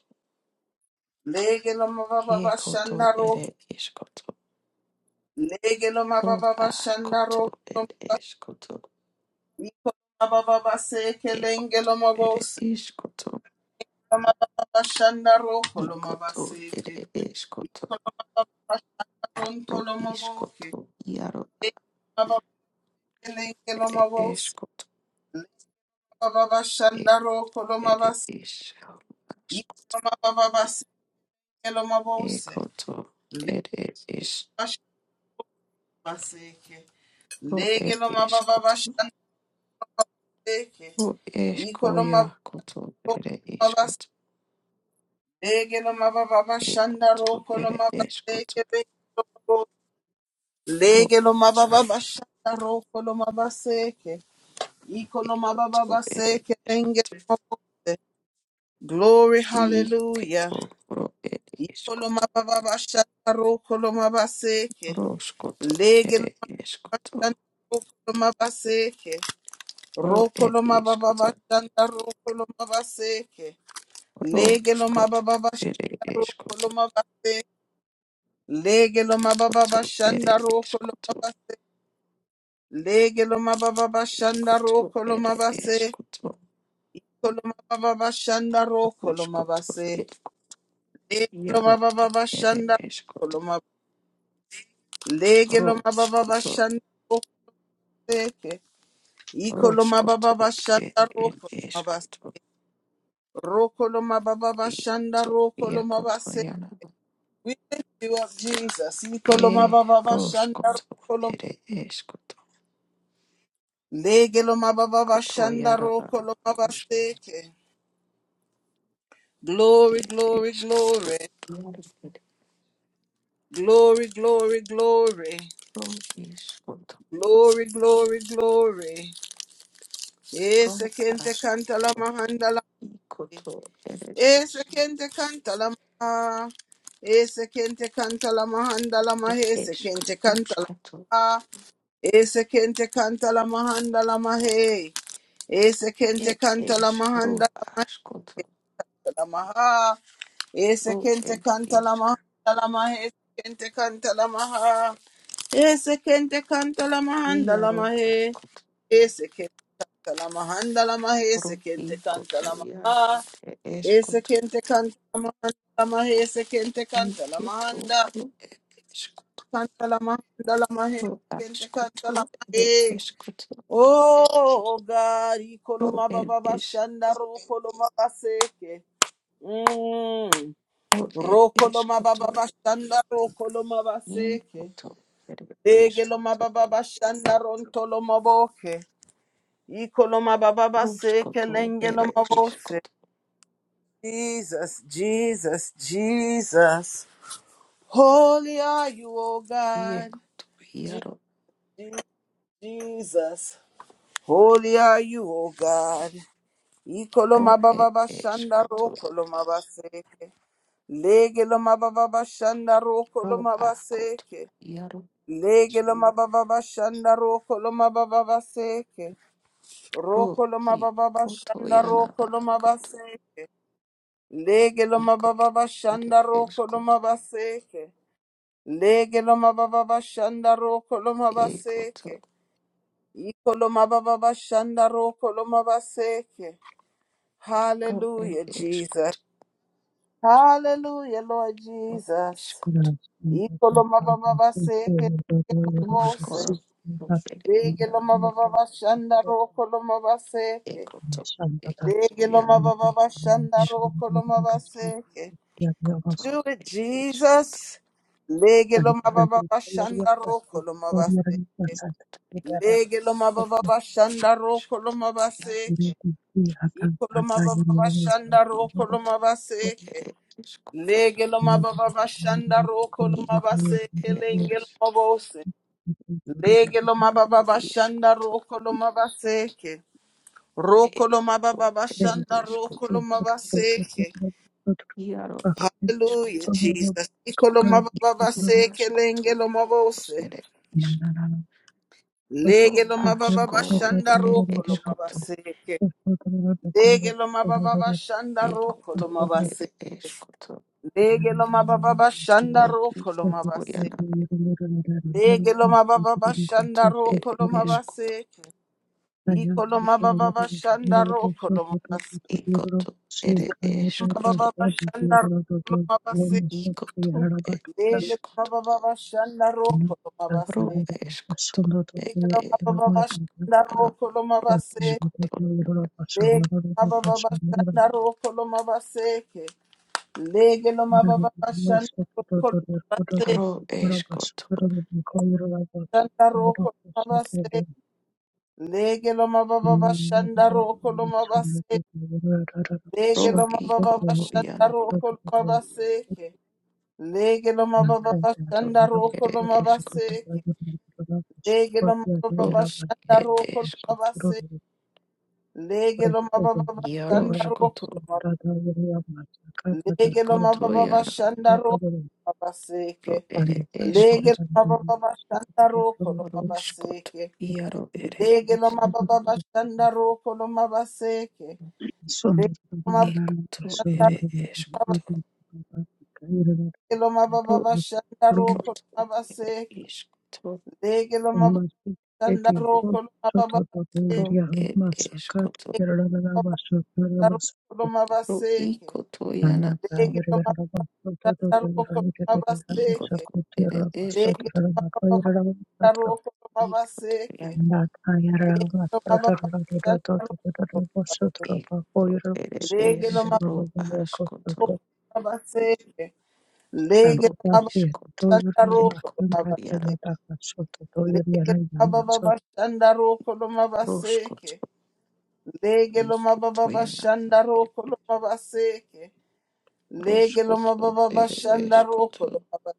Speaker 1: lege loma baba
Speaker 3: iekoto
Speaker 1: bashanda ro,
Speaker 3: ere iskoto
Speaker 1: lege loma
Speaker 3: ro
Speaker 1: baba bashanda
Speaker 3: askoto
Speaker 1: ro.
Speaker 3: ere eskoto eko ere
Speaker 1: Ikolomabashandaro
Speaker 3: iskoto
Speaker 1: kolomaba
Speaker 3: ikoto
Speaker 1: legelomababashandaro legelomababashandaro ikolomababaseke
Speaker 3: ere eskoto ro
Speaker 1: lengelomabose
Speaker 3: iskoto iaro
Speaker 1: mababashandaro kolomabaseke ontolomaboke legelomababake
Speaker 3: ere
Speaker 1: lengelomabose
Speaker 3: eskoto eko
Speaker 1: mababashandaro
Speaker 3: ere
Speaker 1: kolomabase
Speaker 3: isko asko
Speaker 1: ikolomababaseke lomabose
Speaker 3: ekoto ere is
Speaker 1: legelomabaseke
Speaker 3: ro ere iskoto
Speaker 1: legelomababashandeke
Speaker 3: O esko ya koto ere iskoto
Speaker 1: Lege lo mababa
Speaker 3: e
Speaker 1: bashanda
Speaker 3: koto
Speaker 1: roko lo
Speaker 3: ere eskoto
Speaker 1: mabaseke beko.
Speaker 3: ro
Speaker 1: Lege lo mababa
Speaker 3: esko
Speaker 1: bashanda roko lo mabaseke. Iko
Speaker 3: e
Speaker 1: lo mababa
Speaker 3: koto ere
Speaker 1: baseke lenge
Speaker 3: eskoto
Speaker 1: lo mabose. Glory,
Speaker 3: i
Speaker 1: hallelujah.
Speaker 3: keto ro ere
Speaker 1: Iko lo
Speaker 3: eskoto
Speaker 1: mababa bashanda roko lo mabaseke.
Speaker 3: ro skoto
Speaker 1: Lege lo
Speaker 3: ere
Speaker 1: mababa
Speaker 3: eskoto
Speaker 1: roko lo mabaseke.
Speaker 3: ro
Speaker 1: Roko
Speaker 3: ere
Speaker 1: lo mababa
Speaker 3: iskoto
Speaker 1: bashanda roko lo mabaseke.
Speaker 3: ro
Speaker 1: Lege lo
Speaker 3: skoto
Speaker 1: mababa
Speaker 3: ere
Speaker 1: bashanda roko
Speaker 3: eskoto
Speaker 1: lo mabaseke. Lege lo mababa
Speaker 3: koto ere
Speaker 1: bashanda roko lo
Speaker 3: eskoto
Speaker 1: mabase. Lege lo mababa
Speaker 3: i
Speaker 1: bashanda
Speaker 3: koto
Speaker 1: roko lo
Speaker 3: ere
Speaker 1: mabase.
Speaker 3: eskoto
Speaker 1: Iko lo mababa bashanda roko
Speaker 3: ro
Speaker 1: lo
Speaker 3: skoto
Speaker 1: mabase.
Speaker 3: e
Speaker 1: Lege lo
Speaker 3: yaro
Speaker 1: mababa
Speaker 3: ere
Speaker 1: bashanda roko
Speaker 3: eskoto
Speaker 1: lo mabase. Lege lo mababa
Speaker 3: ro
Speaker 1: bashanda roko seke. Iko lo mababa
Speaker 3: Roskoto, e
Speaker 1: bashanda roko lo
Speaker 3: it
Speaker 1: mabase.
Speaker 3: eskoto,
Speaker 1: Roko lo mababa bashanda
Speaker 3: ikoto,
Speaker 1: roko lo
Speaker 3: iakoto,
Speaker 1: mabase.
Speaker 3: yana,
Speaker 1: We lift you up, Jesus. Iko lo
Speaker 3: e
Speaker 1: mababa bashanda
Speaker 3: roskoto, ere eskoto,
Speaker 1: Lege lo mababa
Speaker 3: koto,
Speaker 1: shanda
Speaker 3: yana,
Speaker 1: roko lo
Speaker 3: es,
Speaker 1: mabaseke. Glory,
Speaker 3: e
Speaker 1: glory,
Speaker 3: eskoto,
Speaker 1: glory.
Speaker 3: yana,
Speaker 1: Glory, glory, glory.
Speaker 3: ro iskoto,
Speaker 1: Glory, glory, glory.
Speaker 3: ro
Speaker 1: Ese kente kanta la
Speaker 3: askoto,
Speaker 1: mahanda la.
Speaker 3: ikoto, ere
Speaker 1: Ese
Speaker 3: es,
Speaker 1: kente kanta la ma. Ese kente kanta la mahanda la ma.
Speaker 3: et
Speaker 1: Ese
Speaker 3: es,
Speaker 1: kente kanta la
Speaker 3: roskoto,
Speaker 1: ma. Ese kente kanta la mahanda la ma. Ese kente
Speaker 3: et
Speaker 1: kanta la
Speaker 3: es,
Speaker 1: mahanda
Speaker 3: ro askoto,
Speaker 1: Lamaha. Ese
Speaker 3: ro
Speaker 1: kente
Speaker 3: ed
Speaker 1: kanta
Speaker 3: isk,
Speaker 1: lamaha. Lamaha. Ese kente kanta lamaha. Ese kente kanta lamahanda
Speaker 3: iaro
Speaker 1: lamahe. Ese kente lamahanda lamahe. Ese kente
Speaker 3: Roki
Speaker 1: kanta
Speaker 3: kotoya
Speaker 1: lamaha.
Speaker 3: are
Speaker 1: Ese
Speaker 3: eskoto
Speaker 1: kente kanta lamahanda lamahe. Ese kente kanta
Speaker 3: iketo
Speaker 1: lamahanda.
Speaker 3: ro ed eskoto
Speaker 1: Kanta lamahanda lamahe. Kente kanta lamahe.
Speaker 3: askoto ere
Speaker 1: Sekente Kantalamahe.
Speaker 3: eskoto
Speaker 1: Oh God,
Speaker 3: ro
Speaker 1: ikoloma
Speaker 3: ed
Speaker 1: baba
Speaker 3: es
Speaker 1: bashanda ro koloma baseke.
Speaker 3: ro ed
Speaker 1: Rokoloma
Speaker 3: eskoto
Speaker 1: baba bashanda rokoloma baseke.
Speaker 3: ikoto ere
Speaker 1: Egeloma
Speaker 3: eskoto
Speaker 1: baba bashanda rontoloma boke. Ikoloma baba baseke
Speaker 3: roskoto ere
Speaker 1: lengeloma bose.
Speaker 3: eskoto
Speaker 1: Jesus, Jesus, Jesus. Holy are you, O God.
Speaker 3: iekoto
Speaker 1: Je-
Speaker 3: iaro
Speaker 1: Je- Jesus. Holy are you, O God.
Speaker 3: ro
Speaker 1: Ikoloma
Speaker 3: ed
Speaker 1: baba bashanda
Speaker 3: eskoto
Speaker 1: rokoloma baseke. Legeloma baba bashanda
Speaker 3: ro
Speaker 1: rokoloma
Speaker 3: akoto
Speaker 1: baseke.
Speaker 3: iaro
Speaker 1: Lege loma baba bashanda roko loma baba baseke.
Speaker 3: ro
Speaker 1: Roko loma baba
Speaker 3: ikoto
Speaker 1: bashanda
Speaker 3: yana
Speaker 1: roko loma
Speaker 3: akoto
Speaker 1: baseke. Lege loma baba
Speaker 3: ikoto ere
Speaker 1: bashanda roko
Speaker 3: eskoto
Speaker 1: loma baseke. Lege loma baba bashanda roko loma
Speaker 3: ekoto
Speaker 1: baseke. Iko loma baba bashanda roko loma baseke.
Speaker 3: Ro ed
Speaker 1: Hallelujah, Jesus.
Speaker 3: eskot,
Speaker 1: Hallelujah, Lord
Speaker 3: ro
Speaker 1: Jesus.
Speaker 4: Thank
Speaker 3: iskot,
Speaker 1: Iko loma baba baseke.
Speaker 3: rusko, ro ed
Speaker 1: Lege lo
Speaker 3: jar
Speaker 1: mababa bashanda roko lo mabaseke.
Speaker 3: ekot, ekot,
Speaker 1: Lege lo
Speaker 3: jana
Speaker 1: mababa bashanda
Speaker 3: iskot,
Speaker 1: roko lo mabaseke.
Speaker 3: ekot, ro
Speaker 1: Do it,
Speaker 3: eskot,
Speaker 1: Jesus. Lege lo
Speaker 3: jaro
Speaker 1: mababa bashanda
Speaker 3: skot,
Speaker 1: roko lo mabaseke.
Speaker 3: ikot,
Speaker 1: Lege lo mababa
Speaker 3: jakot, ed
Speaker 1: bashanda roko lo
Speaker 3: eskot, jaro
Speaker 1: mabaseke. Iko lo mababa bashanda roko lo
Speaker 3: ikot, ro
Speaker 1: mabaseke.
Speaker 3: ed eskot,
Speaker 1: Lege lo mababa bashanda roko lo
Speaker 3: ikot,
Speaker 1: mabaseke.
Speaker 3: ed
Speaker 1: Lenge lo
Speaker 3: es,
Speaker 1: mabose. Lege lo mababa bashanda
Speaker 3: iskot,
Speaker 1: roko lo mabaseke. Rokoloma
Speaker 3: ekot,
Speaker 1: baba
Speaker 3: ed
Speaker 1: bashanda
Speaker 3: eskot,
Speaker 1: rokoloma baseke.
Speaker 3: jaro ed
Speaker 4: you.
Speaker 3: eskot,
Speaker 1: Hallelujah,
Speaker 4: Shake,
Speaker 1: Jesus. Ikoloma baba
Speaker 3: ro
Speaker 1: baseke
Speaker 3: askot,
Speaker 1: lenge loma bose.
Speaker 3: ed iskot. ro
Speaker 1: Lege loma baba
Speaker 3: askoro
Speaker 1: bashanda
Speaker 3: ere
Speaker 1: rokoloma
Speaker 3: eskoto
Speaker 1: baseke. Lege loma baba bashanda
Speaker 3: ekoto
Speaker 1: rokoloma
Speaker 3: ere
Speaker 1: baseke.
Speaker 3: eskoto
Speaker 1: Lege loma baba bashanda
Speaker 3: ro iko
Speaker 1: rokoloma baseke.
Speaker 3: oriana
Speaker 1: Lege loma baba
Speaker 3: ikoto
Speaker 1: bashanda
Speaker 3: ere
Speaker 1: rokoloma
Speaker 3: eskoto
Speaker 1: baseke. Ikoloma baba bashanda rokoloma baseke.
Speaker 3: ikoto ere
Speaker 1: Lege loma
Speaker 3: eskoto
Speaker 1: baba bashanda rokoloma baseke.
Speaker 3: ikoto ere
Speaker 4: I
Speaker 1: Lege
Speaker 3: eskoto
Speaker 1: baba baba shanda
Speaker 4: Thank
Speaker 1: roko lo
Speaker 3: ro
Speaker 1: mabase.
Speaker 3: eskoto
Speaker 1: Lege lo
Speaker 3: ere
Speaker 1: baba baba shanda
Speaker 3: ana
Speaker 1: roko lo mabase.
Speaker 3: eskoto
Speaker 1: Lege baba baba shanda roko lo mabase. Lege lo baba baba shanda roko lo mabase.
Speaker 3: ro eskoto
Speaker 1: Shanda roko lo mabase. Lege lo baba baba shanda roko lo mabase. Lege
Speaker 3: ro
Speaker 1: lo baba baba
Speaker 3: ikoto
Speaker 1: shanda
Speaker 3: oriana
Speaker 1: roko lo mabase. Lege lo baba baba
Speaker 3: to
Speaker 1: shanda roko lo
Speaker 3: ere eskoto
Speaker 1: mabase. Lege lo mababa
Speaker 3: ro
Speaker 1: bashanda
Speaker 3: ere
Speaker 1: roko lo
Speaker 3: eskoto
Speaker 1: mabase.
Speaker 4: you.
Speaker 1: Lege lo mababa shanda
Speaker 3: iaroskoto
Speaker 1: roko lo ma- Lege lo
Speaker 3: ikoto
Speaker 1: mababa shanda roko lo
Speaker 3: ro
Speaker 1: mabaseke.
Speaker 3: ere
Speaker 1: Lege
Speaker 3: eskot
Speaker 1: lo mababa shanda roko lo
Speaker 3: roskot
Speaker 1: mabaseke.
Speaker 3: iaro ere
Speaker 1: Lege lo mababa shanda roko lo mabaseke. Lege lo mababa
Speaker 3: ekoto ere eskot
Speaker 1: lege lo
Speaker 3: ro
Speaker 1: mababa shanda roko lo
Speaker 3: kot ere
Speaker 1: mabaseke.
Speaker 3: iskoto
Speaker 1: Lege lo mababa shanda roko lo mababa
Speaker 4: Soto da
Speaker 1: seke.
Speaker 3: ro
Speaker 4: boyeria
Speaker 3: ere
Speaker 4: masaka
Speaker 3: eskoto
Speaker 1: Lege lo
Speaker 4: yerada
Speaker 1: mababa
Speaker 4: basu
Speaker 1: roko lo
Speaker 3: ro
Speaker 1: mabaseke.
Speaker 3: ikoto yana
Speaker 4: Another
Speaker 1: Lege
Speaker 3: a
Speaker 1: lo
Speaker 4: Yoruba
Speaker 1: mababa
Speaker 4: Soto to
Speaker 1: shanda roko lo
Speaker 4: the
Speaker 1: mabaseke.
Speaker 3: ikoto ere
Speaker 4: Sakutura
Speaker 3: eskoto
Speaker 4: Sotura Makoyara Sotro.
Speaker 1: Taroko no baba
Speaker 3: ikoto
Speaker 1: seke.
Speaker 3: yana
Speaker 4: That Ayara
Speaker 1: No baba
Speaker 4: Sotura to
Speaker 1: taroko.
Speaker 4: the Sotra
Speaker 3: ekoto
Speaker 4: Bakoyra
Speaker 3: ere
Speaker 4: Sotura
Speaker 3: es
Speaker 1: Lege no
Speaker 4: the
Speaker 1: baba
Speaker 3: ro
Speaker 4: Baba
Speaker 3: askoto
Speaker 4: Sotra.
Speaker 1: baba seke.
Speaker 4: And
Speaker 1: Lege
Speaker 3: ro
Speaker 1: no
Speaker 4: that
Speaker 1: baba
Speaker 4: is to
Speaker 3: iskoto
Speaker 4: your
Speaker 1: taroko no
Speaker 4: Master
Speaker 3: erkoto
Speaker 1: baba
Speaker 3: yana
Speaker 1: seke.
Speaker 4: Katayata Soto to
Speaker 1: Lege
Speaker 4: your
Speaker 1: no
Speaker 4: Yana
Speaker 1: baba
Speaker 4: Sotra.
Speaker 1: baba taroko no baba seke.
Speaker 3: roskoto
Speaker 1: Lege no baba
Speaker 3: ikoto
Speaker 1: baba
Speaker 3: yana
Speaker 1: taroko no baba seke. Lege no
Speaker 3: roskoto
Speaker 1: baba baba
Speaker 3: ere
Speaker 1: taroko
Speaker 3: eskoto
Speaker 1: no baba.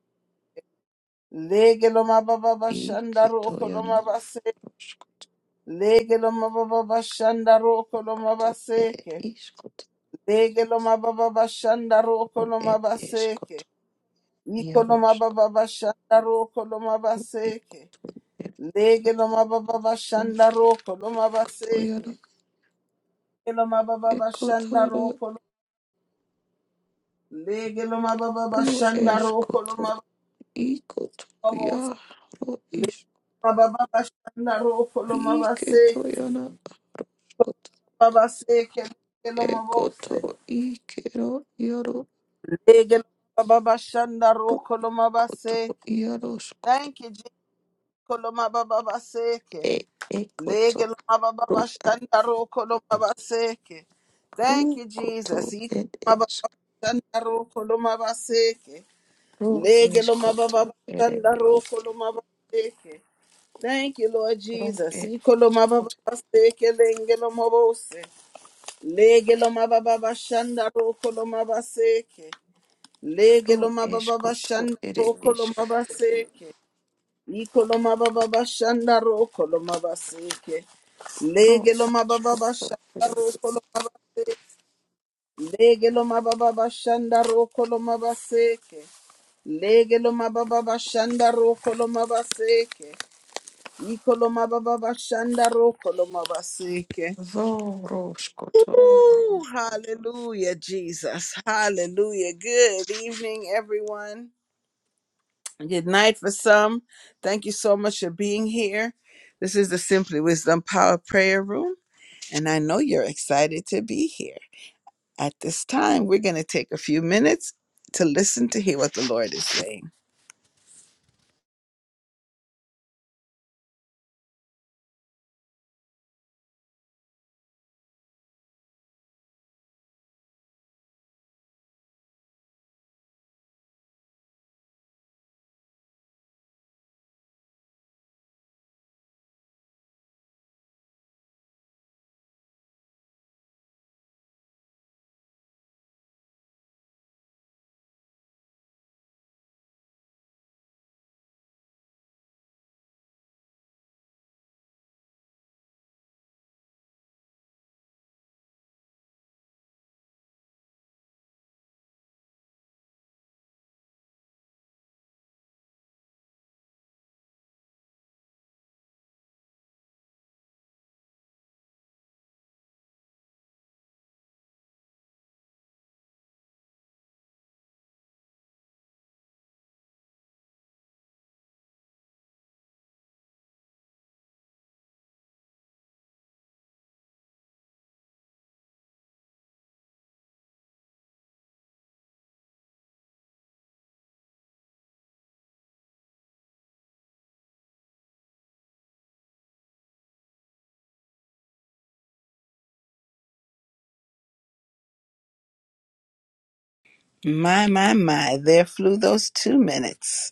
Speaker 1: Lege no baba baba
Speaker 3: Iketo
Speaker 1: taroko no
Speaker 3: yana
Speaker 1: baba seke.
Speaker 3: roskoto
Speaker 1: Lege no baba baba taroko no baba
Speaker 3: ere
Speaker 1: seke.
Speaker 3: iskoto
Speaker 1: Lege lo mababa bashanda roko lo
Speaker 3: ere
Speaker 1: mabaseke.
Speaker 3: eskoto
Speaker 1: Iko lo
Speaker 3: yaroskoto
Speaker 1: mababa bashanda roko lo mabaseke.
Speaker 3: ikoto ere
Speaker 1: Lege lo mababa bashanda
Speaker 3: yaroskoto
Speaker 1: roko lo
Speaker 3: yana
Speaker 1: mabaseke. Lege lo mababa bashanda
Speaker 3: ekotoro
Speaker 1: roko lo Lege lo mababa
Speaker 3: ro
Speaker 1: bashanda roko lo
Speaker 3: eskoto ikoto
Speaker 1: mababos.
Speaker 3: yaro is
Speaker 1: Mababa bashanda roko lo
Speaker 3: iketo
Speaker 1: mabaseke.
Speaker 3: yana roskoto
Speaker 1: Mabaseke lege lo
Speaker 3: ekoto
Speaker 1: mabose.
Speaker 3: ikero yaro
Speaker 1: Lege lo mababa bashanda
Speaker 3: ro
Speaker 1: roko lo
Speaker 3: ikoto
Speaker 1: mabaseke.
Speaker 3: yaroskoto
Speaker 1: Thank you, Jesus. Koloma baba baseke.
Speaker 3: e ekoto
Speaker 1: Lege lo ma ba ba
Speaker 3: ro a
Speaker 1: lo ma
Speaker 3: ro
Speaker 1: Thank you,
Speaker 3: koto
Speaker 1: Jesus. Iko lo ma
Speaker 3: ere
Speaker 1: ba lo ma
Speaker 3: Kro
Speaker 1: Lege lo ma ba ba
Speaker 3: eskoto ere ish.
Speaker 1: lo ma Thank you, Lord
Speaker 3: Kro
Speaker 1: Jesus.
Speaker 3: ere
Speaker 1: Iko lo ma ba
Speaker 3: iskoto.
Speaker 1: lenge lo ma Lege lo ma ba ba lo ma Lege lo
Speaker 3: Kro
Speaker 1: ma ba ba
Speaker 3: eskoto ere
Speaker 1: lo
Speaker 3: ishk.
Speaker 1: ma Iko lo ma ba ba lo ma
Speaker 3: Kro
Speaker 1: Lege lo mababa
Speaker 3: askoto
Speaker 1: bashanda
Speaker 3: ere ish.
Speaker 1: roko lo mabase. Lege lo mababa bashanda roko lo mabaseke. Lege lo mababa bashanda roko lo mabaseke. Iko lo mababa bashanda roko lo mabaseke.
Speaker 3: Zoro
Speaker 1: Ooh, hallelujah, Jesus. Hallelujah. Good evening, everyone. Good night for some. Thank you so much for being here. This is the Simply Wisdom Power Prayer Room, and I know you're excited to be here. At this time, we're going to take a few minutes to listen to hear what the Lord is saying. My, my, my, there flew those two minutes.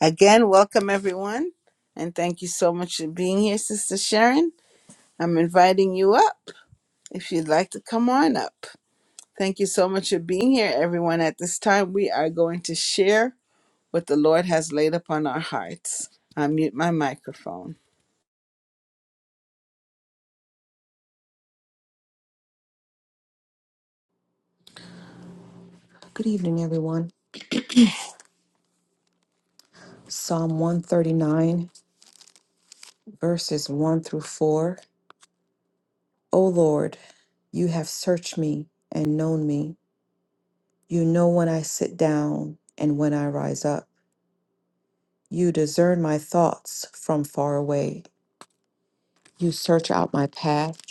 Speaker 1: Again, welcome everyone. And thank you so much for being here, Sister Sharon. I'm inviting you up if you'd like to come on up. Thank you so much for being here, everyone. At this time, we are going to share what the Lord has laid upon our hearts. I mute my microphone.
Speaker 3: Good evening, everyone. Psalm 139, verses 1 through 4. O Lord, you have searched me and known me. You know when I sit down and when I rise up. You discern my thoughts from far away. You search out my path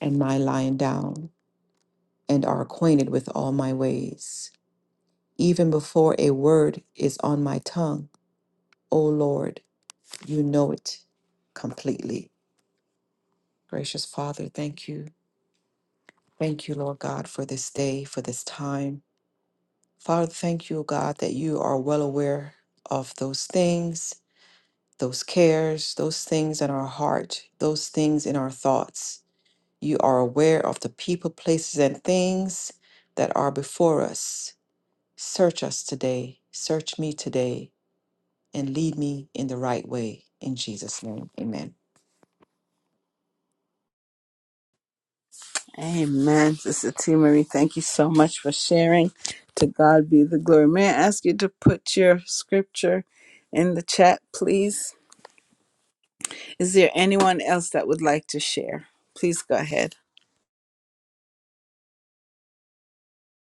Speaker 3: and my lying down. and are acquainted with all my ways. Even before a word is on my tongue, O Lord, you know it completely. Gracious Father, thank you. Thank you, Lord God, for this day, for this time. Father, thank you, O God, that you are well aware of those things, those cares, those things in our heart, those things in our thoughts. You are aware of the people, places, and things that are before us. Search us today. Search me today and lead me in the right way. In Jesus' name, amen.
Speaker 1: Amen, Sister T. Marie. Thank you so much for sharing. To God be the glory. May I ask you to put your scripture in the chat, please? Is there anyone else that would like to share? Please go ahead.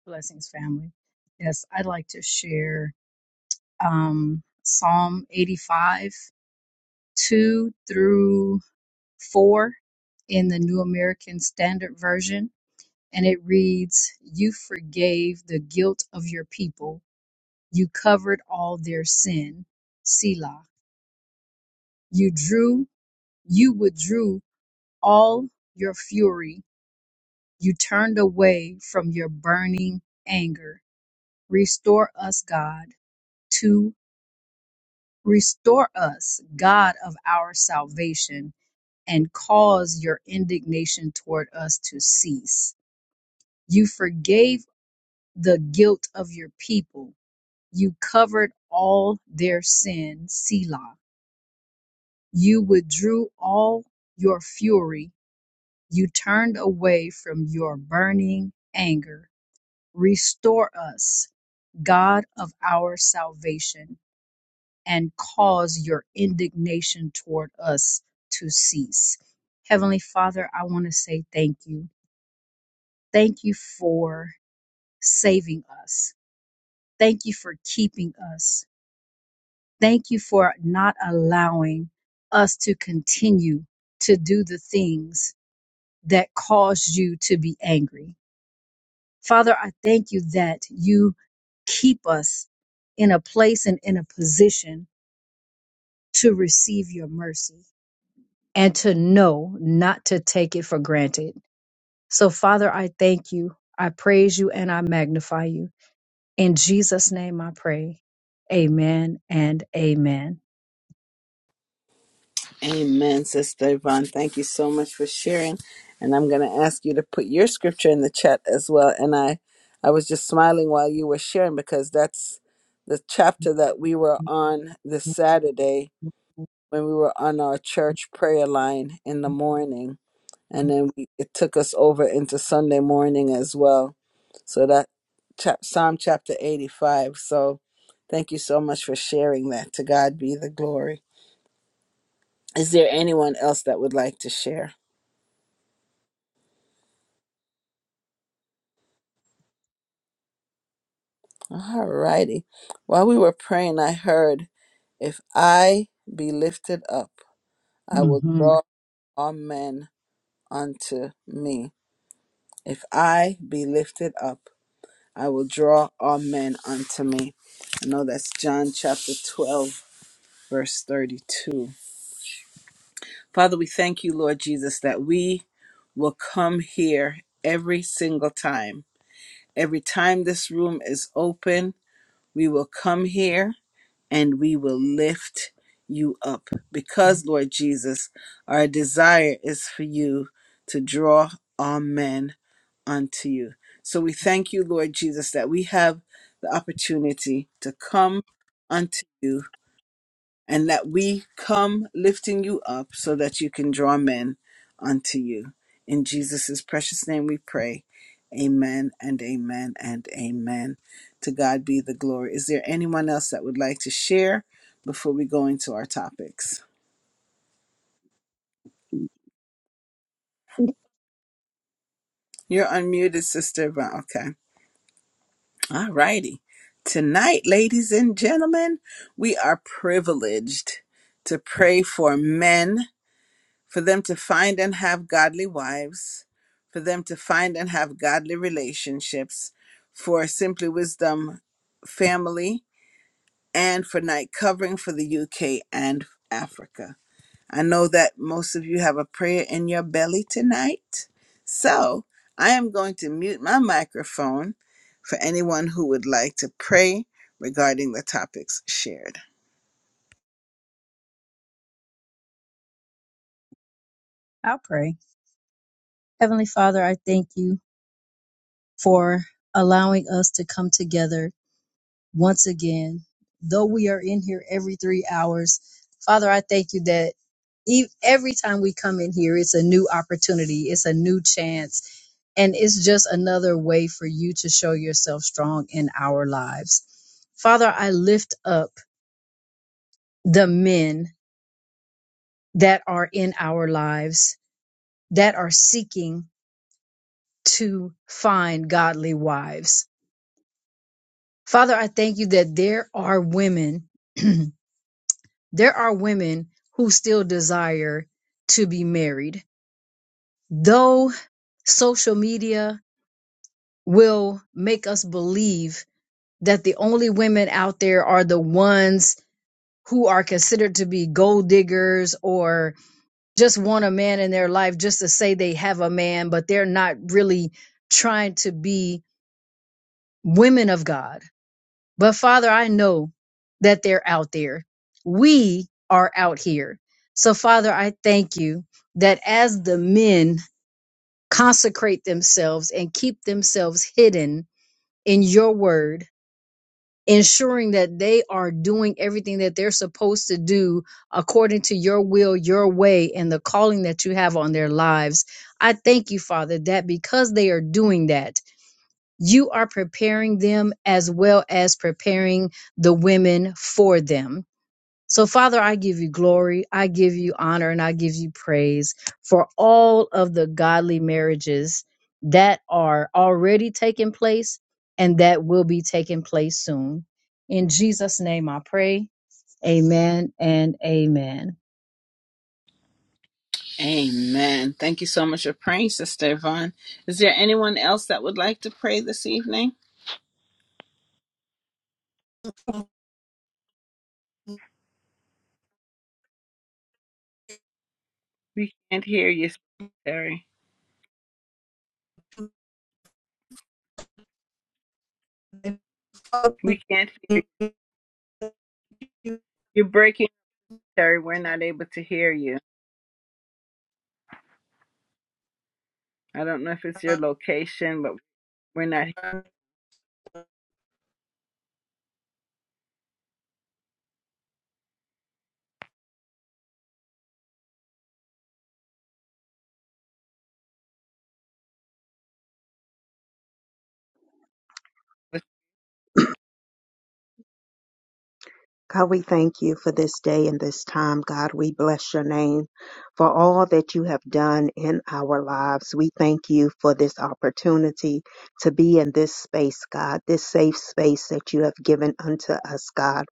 Speaker 4: Blessings, family. Yes, I'd like to share um, Psalm 85, 2 through 4 in the New American Standard Version, and it reads, You forgave the guilt of your people, you covered all their sin. Selah. You drew, you withdrew all your fury, you turned away from your burning anger. Restore us, God, to restore us, God of our salvation, and cause your indignation toward us to cease. You forgave the guilt of your people. You covered all their sin, Selah. You withdrew all your fury. You turned away from your burning anger. Restore us, God of our salvation, and cause your indignation toward us to cease. Heavenly Father, I want to say thank you. Thank you for saving us. Thank you for keeping us. Thank you for not allowing us to continue to do the things that caused you to be angry. Father, I thank you that you keep us in a place and in a position to receive your mercy and to know not to take it for granted. So, Father, I thank you. I praise you and I magnify you. In Jesus' name I pray. Amen and amen.
Speaker 1: Amen, Sister Yvonne. Thank you so much for sharing. And I'm going to ask you to put your scripture in the chat as well. And I, I was just smiling while you were sharing because that's the chapter that we were on this Saturday when we were on our church prayer line in the morning and then we, it took us over into sunday morning as well so that chap, psalm chapter 85 so thank you so much for sharing that to god be the glory is there anyone else that would like to share all righty while we were praying i heard if i be lifted up i will
Speaker 4: hmm
Speaker 1: draw all men unto me if i be lifted up I will draw all men unto me. I know that's John chapter 12, verse 32. Father, we thank you, Lord Jesus, that we will come here every single time. Every time this room is open, we will come here and we will lift you up. Because, Lord Jesus, our desire is for you to draw all men unto you. So we thank you, Lord Jesus, that we have the opportunity to come unto you and that we come lifting you up so that you can draw men unto you. In Jesus' precious name we pray. Amen and amen and amen. To God be the glory. Is there anyone else that would like to share before we go into our topics? You're unmuted, Sister. Va- Okay. All righty. Tonight, ladies and gentlemen, we are privileged to pray for men for them to find and have godly wives, for them to find and have godly relationships, for Simply Wisdom family, and for night covering for the UK and Africa. I know that most of you have a prayer in your belly tonight. So I am going to mute my microphone for anyone who would like to pray regarding the topics shared.
Speaker 4: I'll pray. Heavenly Father, I thank you for allowing us to come together once again. Though we are in here every three hours, Father, I thank you that e- every time we come in here, it's a new opportunity, it's a new chance, and it's just another way for you to show yourself strong in our lives. Father, I lift up the men that are in our lives that are seeking to find godly wives Father, I thank you that there are women, there are women who still desire to be married. Though social media will make us believe that the only women out there are the ones who are considered to be gold diggers or just want a man in their life just to say they have a man, but they're not really trying to be women of God But Father, I know that they're out there. We are out here. So, Father, I thank you that as the men consecrate themselves and keep themselves hidden in your word, ensuring that they are doing everything that they're supposed to do according to your will, your way, and the calling that you have on their lives. I thank you, Father, that because they are doing that, you are preparing them as well as preparing the women for them. So, Father, I give you glory, I give you honor, and I give you praise for all of the godly marriages that are already taking place and that will be taking place soon. In Jesus' name I pray. Amen and amen.
Speaker 1: Amen. Thank you so much for praying, Sister Yvonne. Is there anyone else that would like to pray this evening? We can't hear you, Sister Terry. We can't hear you. You're breaking, Terry. We're not able to hear you. I don't know if it's your location, but we're not.
Speaker 5: God, we thank you for this day and this time. God, we bless your name for all that you have done in our lives. We thank you for this opportunity to be in this space, God, this safe space that you have given unto us, God.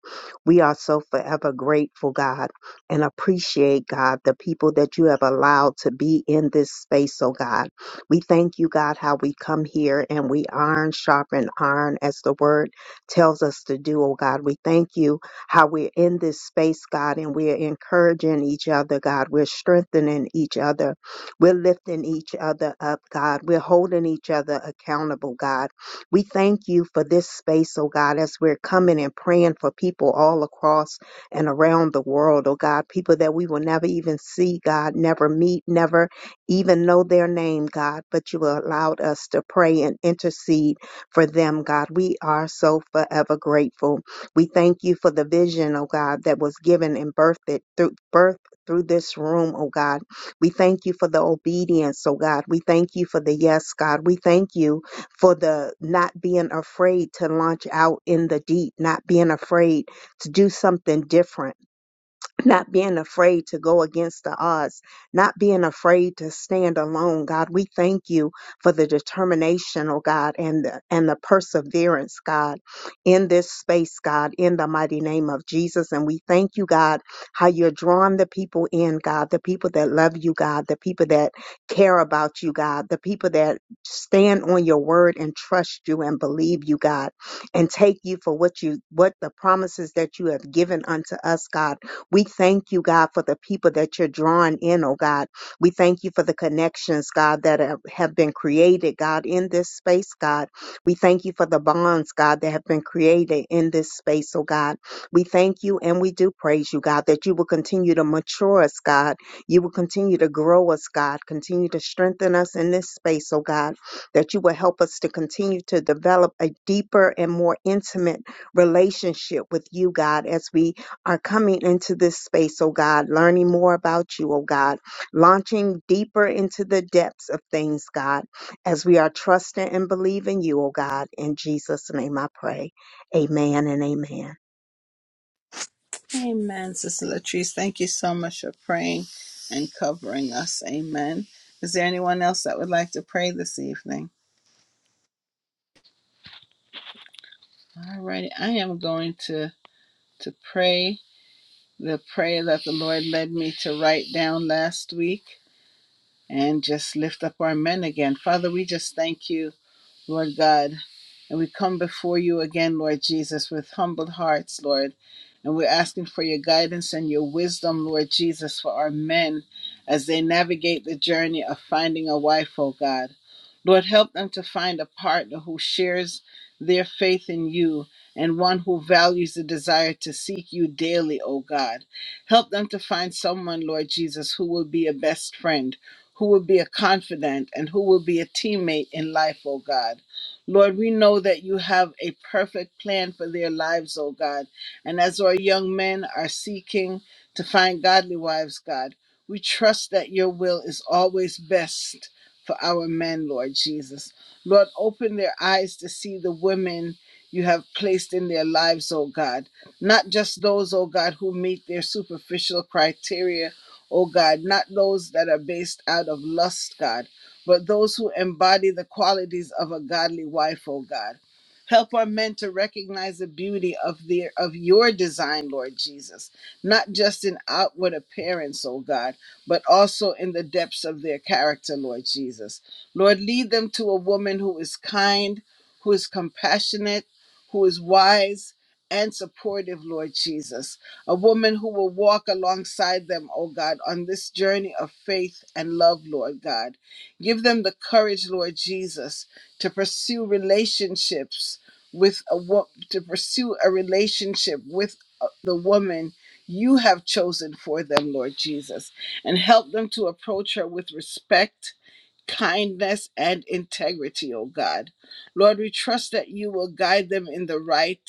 Speaker 5: We are so forever grateful, God, and appreciate, God, the people that you have allowed to be in this space, oh God. We thank you, God, how we come here and we iron, sharpen iron as the word tells us to do, oh God. We thank you how we're in this space, God, and we're encouraging each other, God. We're strengthening each other. We're lifting each other up, God. We're holding each other accountable, God. We thank you for this space, oh God, as we're coming and praying for people all across and around the world, oh God, people that we will never even see, God, never meet, never even know their name, God, but you allowed us to pray and intercede for them, God. We are so forever grateful. We thank you for the vision, oh God, that was given and birthed it through birth through this room, oh God. We thank you for the obedience, oh God. We thank you for the yes, God. We thank you for the not being afraid to launch out in the deep, not being afraid to do something different not being afraid to go against the odds, not being afraid to stand alone. God, we thank you for the determination, oh God, and the, and the perseverance, God, in this space, God, in the mighty name of Jesus. And we thank you, God, how you're drawing the people in, God, the people that love you, God, the people that care about you, God, the people that stand on your word and trust you and believe you, God, and take you for what you, what the promises that you have given unto us, God. We thank you, God, for the people that you're drawing in, oh God. We thank you for the connections, God, that have have been created, God, in this space, God. We thank you for the bonds, God, that have been created in this space, oh God. We thank you and we do praise you, God, that you will continue to mature us, God. You will continue to grow us, God. Continue to strengthen us in this space, oh God, that you will help us to continue to develop a deeper and more intimate relationship with you, God, as we are coming into this space, oh God, learning more about you, oh God, launching deeper into the depths of things, God, as we are trusting and believing you, oh God. In Jesus' name I pray. Amen and amen.
Speaker 1: Amen, Sister Latrice. Thank you so much for praying and covering us. Amen. Is there anyone else that would like to pray this evening? All right. I am going to to pray the prayer that the Lord led me to write down last week and just lift up our men again. Father, we just thank you Lord God. And we come before you again, Lord Jesus, with humbled hearts, Lord. And we're asking for your guidance and your wisdom, Lord Jesus, for our men as they navigate the journey of finding a wife, oh God. Lord, help them to find a partner who shares their faith in you and one who values the desire to seek you daily, O God. Help them to find someone, Lord Jesus, who will be a best friend who will be a confidant and who will be a teammate in life, O God. Lord, we know that you have a perfect plan for their lives, O God. And as our young men are seeking to find godly wives, God, we trust that your will is always best for our men, Lord Jesus. Lord, open their eyes to see the women you have placed in their lives, O God. Not just those, O God, who meet their superficial criteria O God, not those that are based out of lust, God, but those who embody the qualities of a godly wife, O God. Help our men to recognize the beauty of their of your design, Lord Jesus, not just in outward appearance, O God, but also in the depths of their character, Lord Jesus. Lord, lead them to a woman who is kind, who is compassionate, who is wise and supportive, Lord Jesus a woman who will walk alongside them, oh God, on this journey of faith and love, Lord God. Give them the courage, Lord Jesus, to pursue relationships with a wo- to pursue a relationship with uh, the woman you have chosen for them, Lord Jesus, and help them to approach her with respect kindness, and integrity, O God. Lord, we trust that you will guide them in the right,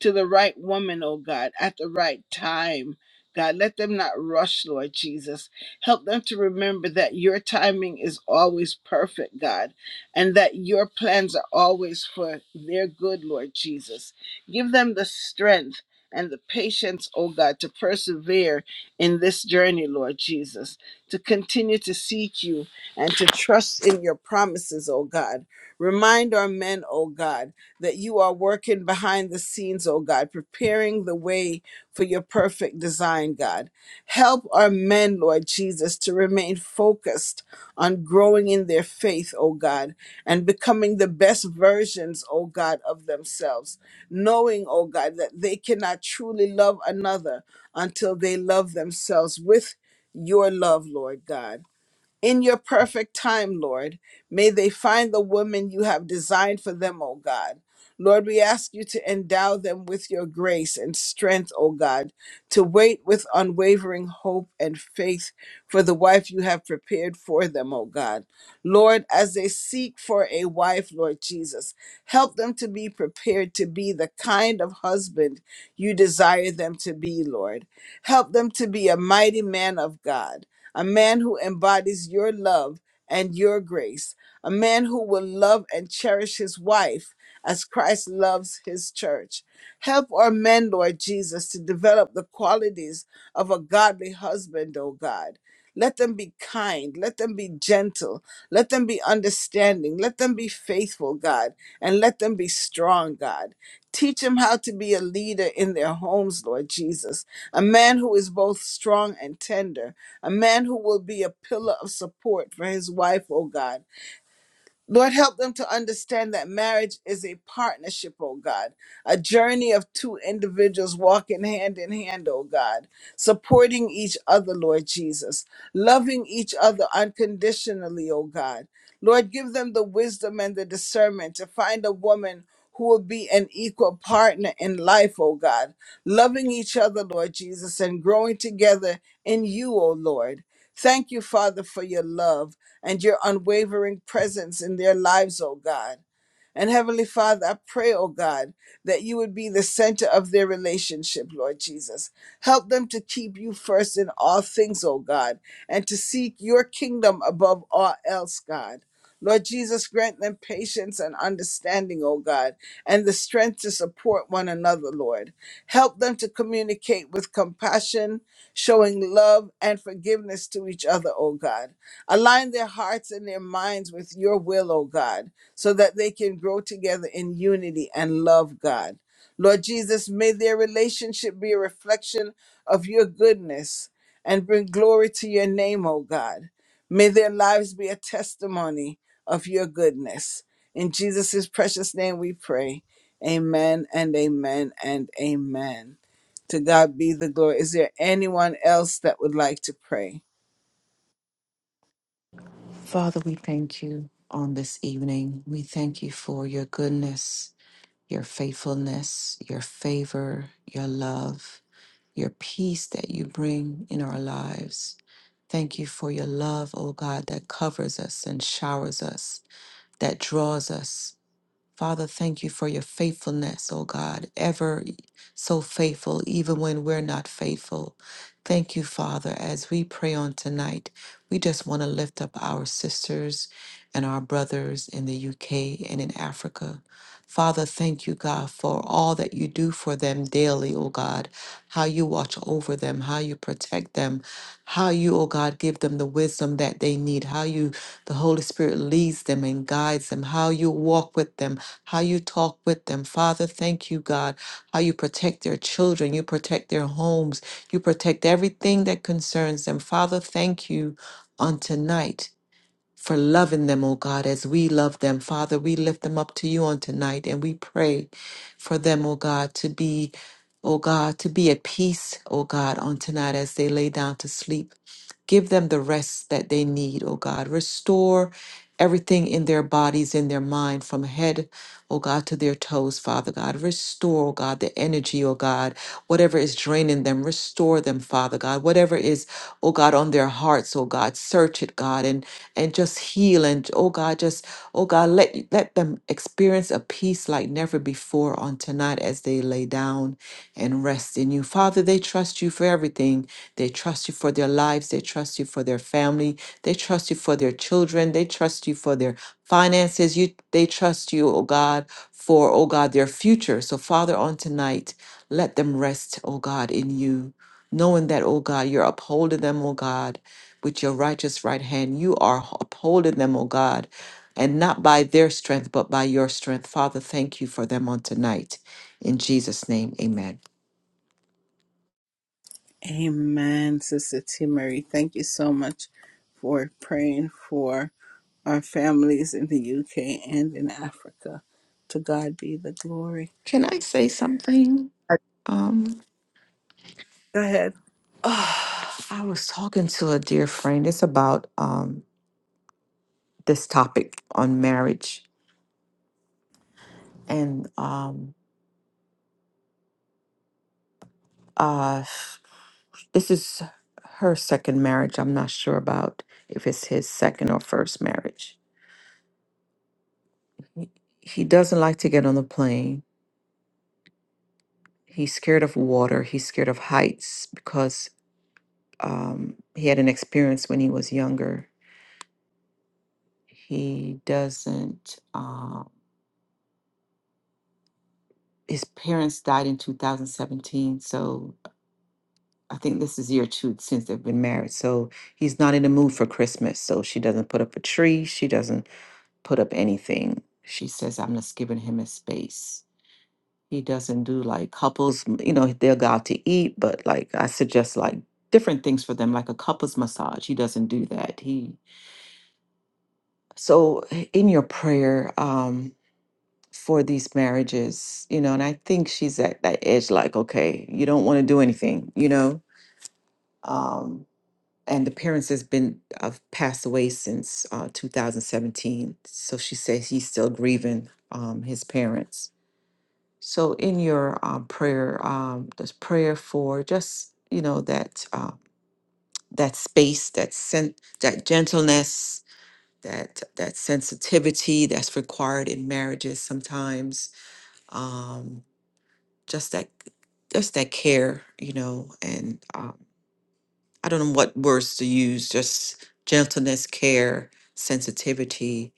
Speaker 1: to the right woman, O God, at the right time. God, let them not rush, Lord Jesus. Help them to remember that your timing is always perfect, God, and that your plans are always for their good, Lord Jesus. Give them the strength and the patience, O God, to persevere in this journey, Lord Jesus, to continue to seek you and to trust in your promises, O God. Remind our men, O God, that you are working behind the scenes, O God, preparing the way for your perfect design, God. Help our men, Lord Jesus, to remain focused on growing in their faith, O God, and becoming the best versions, O God, of themselves, knowing, O God, that they cannot truly love another until they love themselves with your love, Lord God. In your perfect time, Lord, may they find the woman you have designed for them, O God. Lord, we ask you to endow them with your grace and strength, O God, to wait with unwavering hope and faith for the wife you have prepared for them, O God. Lord, as they seek for a wife, Lord Jesus, help them to be prepared to be the kind of husband you desire them to be, Lord. Help them to be a mighty man of God, a man who embodies your love and your grace, a man who will love and cherish his wife as Christ loves his church. Help our men, Lord Jesus, to develop the qualities of a godly husband, O God. Let them be kind. Let them be gentle. Let them be understanding. Let them be faithful, God. And let them be strong, God. Teach them how to be a leader in their homes, Lord Jesus. A man who is both strong and tender. A man who will be a pillar of support for his wife, oh God. Lord, help them to understand that marriage is a partnership, oh God, a journey of two individuals walking hand in hand, oh God, supporting each other, Lord Jesus, loving each other unconditionally, oh God. Lord, give them the wisdom and the discernment to find a woman who will be an equal partner in life, oh God, loving each other, Lord Jesus, and growing together in you, oh Lord. Thank you, Father, for your love and your unwavering presence in their lives, O God. And Heavenly Father, I pray, oh God, that you would be the center of their relationship, Lord Jesus. Help them to keep you first in all things, oh God, and to seek your kingdom above all else, God. Lord Jesus, grant them patience and understanding, oh God, and the strength to support one another, Lord. Help them to communicate with compassion, showing love and forgiveness to each other, O God. Align their hearts and their minds with your will, O God, so that they can grow together in unity and love, God. Lord Jesus, may their relationship be a reflection of your goodness and bring glory to your name, O God. May their lives be a testimony of your goodness. In Jesus' precious name we pray. Amen and amen and amen. To God be the glory. Is there anyone else that would like to pray?
Speaker 3: Father, we thank you on this evening. We thank you for your goodness, your faithfulness, your favor, your love, your peace that you bring in our lives. Thank you for your love, O God, that covers us and showers us, that draws us. Father, thank you for your faithfulness, oh God, ever so faithful, even when we're not faithful. Thank you, Father, as we pray on tonight. We just want to lift up our sisters and our brothers in the UK and in Africa. Father, thank you, God, for all that you do for them daily, oh God, how you watch over them, how you protect them, how you, oh God, give them the wisdom that they need, how you, the Holy Spirit, leads them and guides them, how you walk with them, how you talk with them. Father, thank you, God, how you protect their children, you protect their homes, you protect everything that concerns them. Father, thank you on tonight for loving them, oh God, as we love them. Father, we lift them up to you on tonight and we pray for them, oh God, to be, oh God, to be at peace, oh God, on tonight as they lay down to sleep. Give them the rest that they need, O God. Restore everything in their bodies, in their mind, from head, O God, to their toes, Father God. Restore, O God, the energy, O God. Whatever is draining them, restore them, Father God. Whatever is, O God, on their hearts, O God, search it, God, and and just heal and, O God, just, O God, let let them experience a peace like never before on tonight as they lay down and rest in you. Father, they trust you for everything. They trust you for their lives. They trust you for their family. They trust you for their children. They trust you for their finances. You they trust you, oh God, for oh God, their future. So Father, on tonight, let them rest, oh God, in you, knowing that, oh God, you're upholding them, oh God. With your righteous right hand, you are upholding them, oh God and not by their strength, but by your strength. Father, thank you for them on tonight. In Jesus' name, amen.
Speaker 1: Amen, Sister T. Marie. Thank you so much for praying for our families in the UK and in Africa. To God be the glory.
Speaker 3: Can I say something?
Speaker 1: Uh,
Speaker 3: Um,
Speaker 1: Go ahead.
Speaker 3: ah, I was talking to a dear friend. It's about um, this topic on marriage. And um, uh, this is her second marriage. I'm not sure about if it's his second or first marriage. He he doesn't like to get on the plane. He's scared of water. He's scared of heights because um, he had an experience when he was younger. He doesn't. Uh, his parents died in 2017, so I think this is year two since they've been married. So he's not in the mood for Christmas. So she doesn't put up a tree. She doesn't put up anything. She says, "I'm just giving him his space." He doesn't do like couples. m- You know, they'll go out to eat, but like I suggest like different things for them, like a couples massage. He doesn't do that. He so in your prayer. um for these marriages, you know, and I think she's at that edge, like, okay, you don't want to do anything, you know. Um, and the parents has been have passed away since uh, 2017, so she says he's still grieving um, his parents. So in your um, prayer, um, there's prayer for just you know that uh, that space, that sen- that gentleness, that that sensitivity that's required in marriages sometimes. Um, just that just that care you know and um, i don't know what words to use just gentleness care sensitivity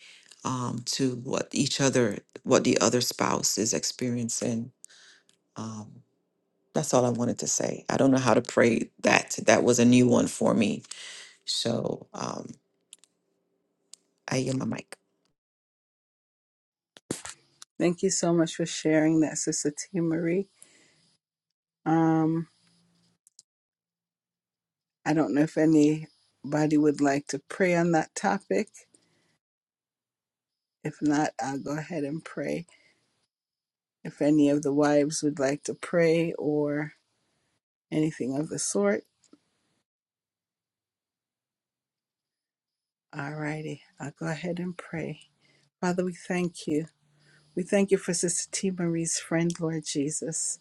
Speaker 3: um, to what each other what the other spouse is experiencing um, that's all i wanted to say i don't know how to pray that that was a new one for me so um, i yield my mic
Speaker 1: Thank you so much for sharing that, Sister T. Marie. Um, I don't know if anybody would like to pray on that topic. If not, I'll go ahead and pray. If any of the wives would like to pray or anything of the sort, all righty, I'll go ahead and pray. Father, we thank you. We thank you for Sister T. Marie's friend, Lord Jesus.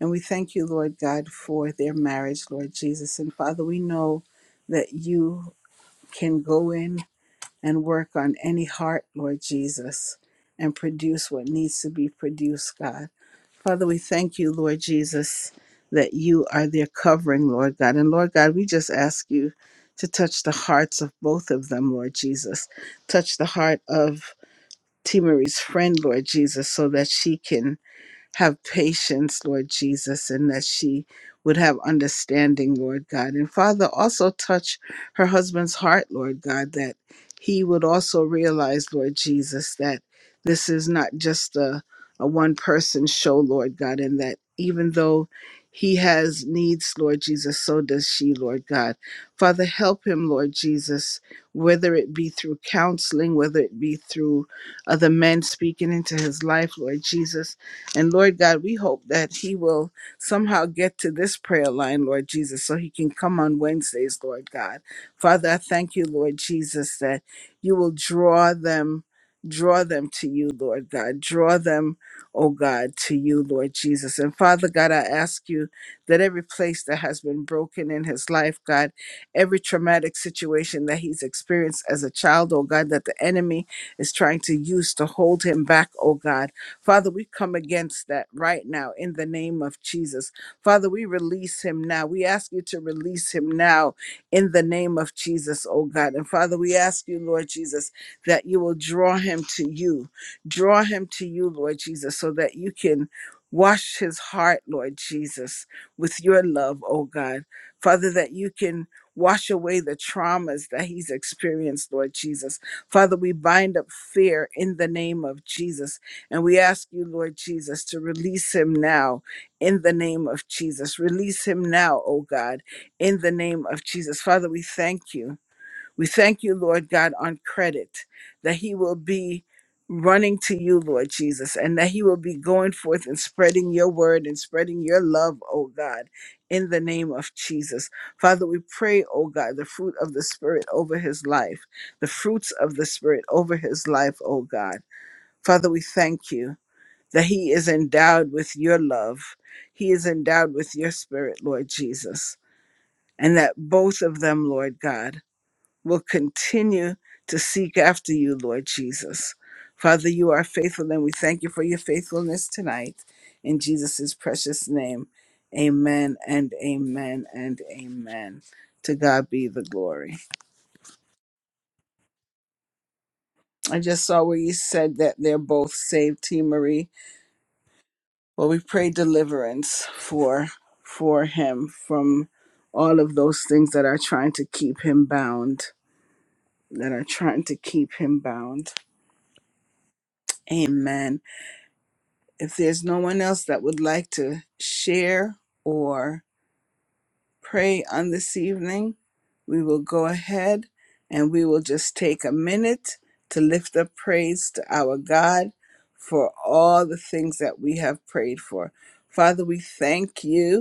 Speaker 1: And we thank you, Lord God, for their marriage, Lord Jesus. And Father, we know that you can go in and work on any heart, Lord Jesus, and produce what needs to be produced, God. Father, we thank you, Lord Jesus, that you are their covering, Lord God. And Lord God, we just ask you to touch the hearts of both of them, Lord Jesus. Touch the heart of T. Marie's friend, Lord Jesus, so that she can have patience, Lord Jesus, and that she would have understanding, Lord God. And Father, also touch her husband's heart, Lord God, that he would also realize, Lord Jesus, that this is not just a, a one person show, Lord God, and that even though he has needs, Lord Jesus, so does she, Lord God. Father, help him, Lord Jesus, whether it be through counseling, whether it be through other men speaking into his life, Lord Jesus and Lord God, we hope that he will somehow get to this prayer line, Lord Jesus, so he can come on Wednesdays, Lord God. Father, I thank you, Lord Jesus, that you will draw them, draw them to you, Lord God. Draw them, oh God, to you, Lord Jesus. And Father God, I ask you that every place that has been broken in his life, God, every traumatic situation that he's experienced as a child, oh God, that the enemy is trying to use to hold him back, oh God. Father, we come against that right now in the name of Jesus. Father, we release him now. We ask you to release him now in the name of Jesus, oh God. And Father, we ask you, Lord Jesus, that you will draw him to you. Draw him to you, Lord Jesus, so that you can wash his heart, Lord Jesus, with your love, oh God. Father, that you can wash away the traumas that he's experienced, Lord Jesus. Father, we bind up fear in the name of Jesus. And we ask you, Lord Jesus, to release him now in the name of Jesus. Release him now, O God, in the name of Jesus. Father, we thank you. We thank you, Lord God, on credit that he will be running to you, Lord Jesus, and that he will be going forth and spreading your word and spreading your love, O God, in the name of Jesus. Father, we pray, O God, the fruit of the Spirit over his life, the fruits of the Spirit over his life, O God. Father, we thank you that he is endowed with your love. He is endowed with your spirit, Lord Jesus, and that both of them, Lord God, will continue to seek after you, Lord Jesus. Father, you are faithful, and we thank you for your faithfulness tonight. In Jesus' precious name, amen and amen and amen. To God be the glory. I just saw where you said that they're both saved, T. Marie. Well, we pray deliverance for for him from all of those things that are trying to keep him bound, that are trying to keep him bound. Amen. If there's no one else that would like to share or pray on this evening, we will go ahead and we will just take a minute to lift up praise to our God for all the things that we have prayed for. Father, we thank you.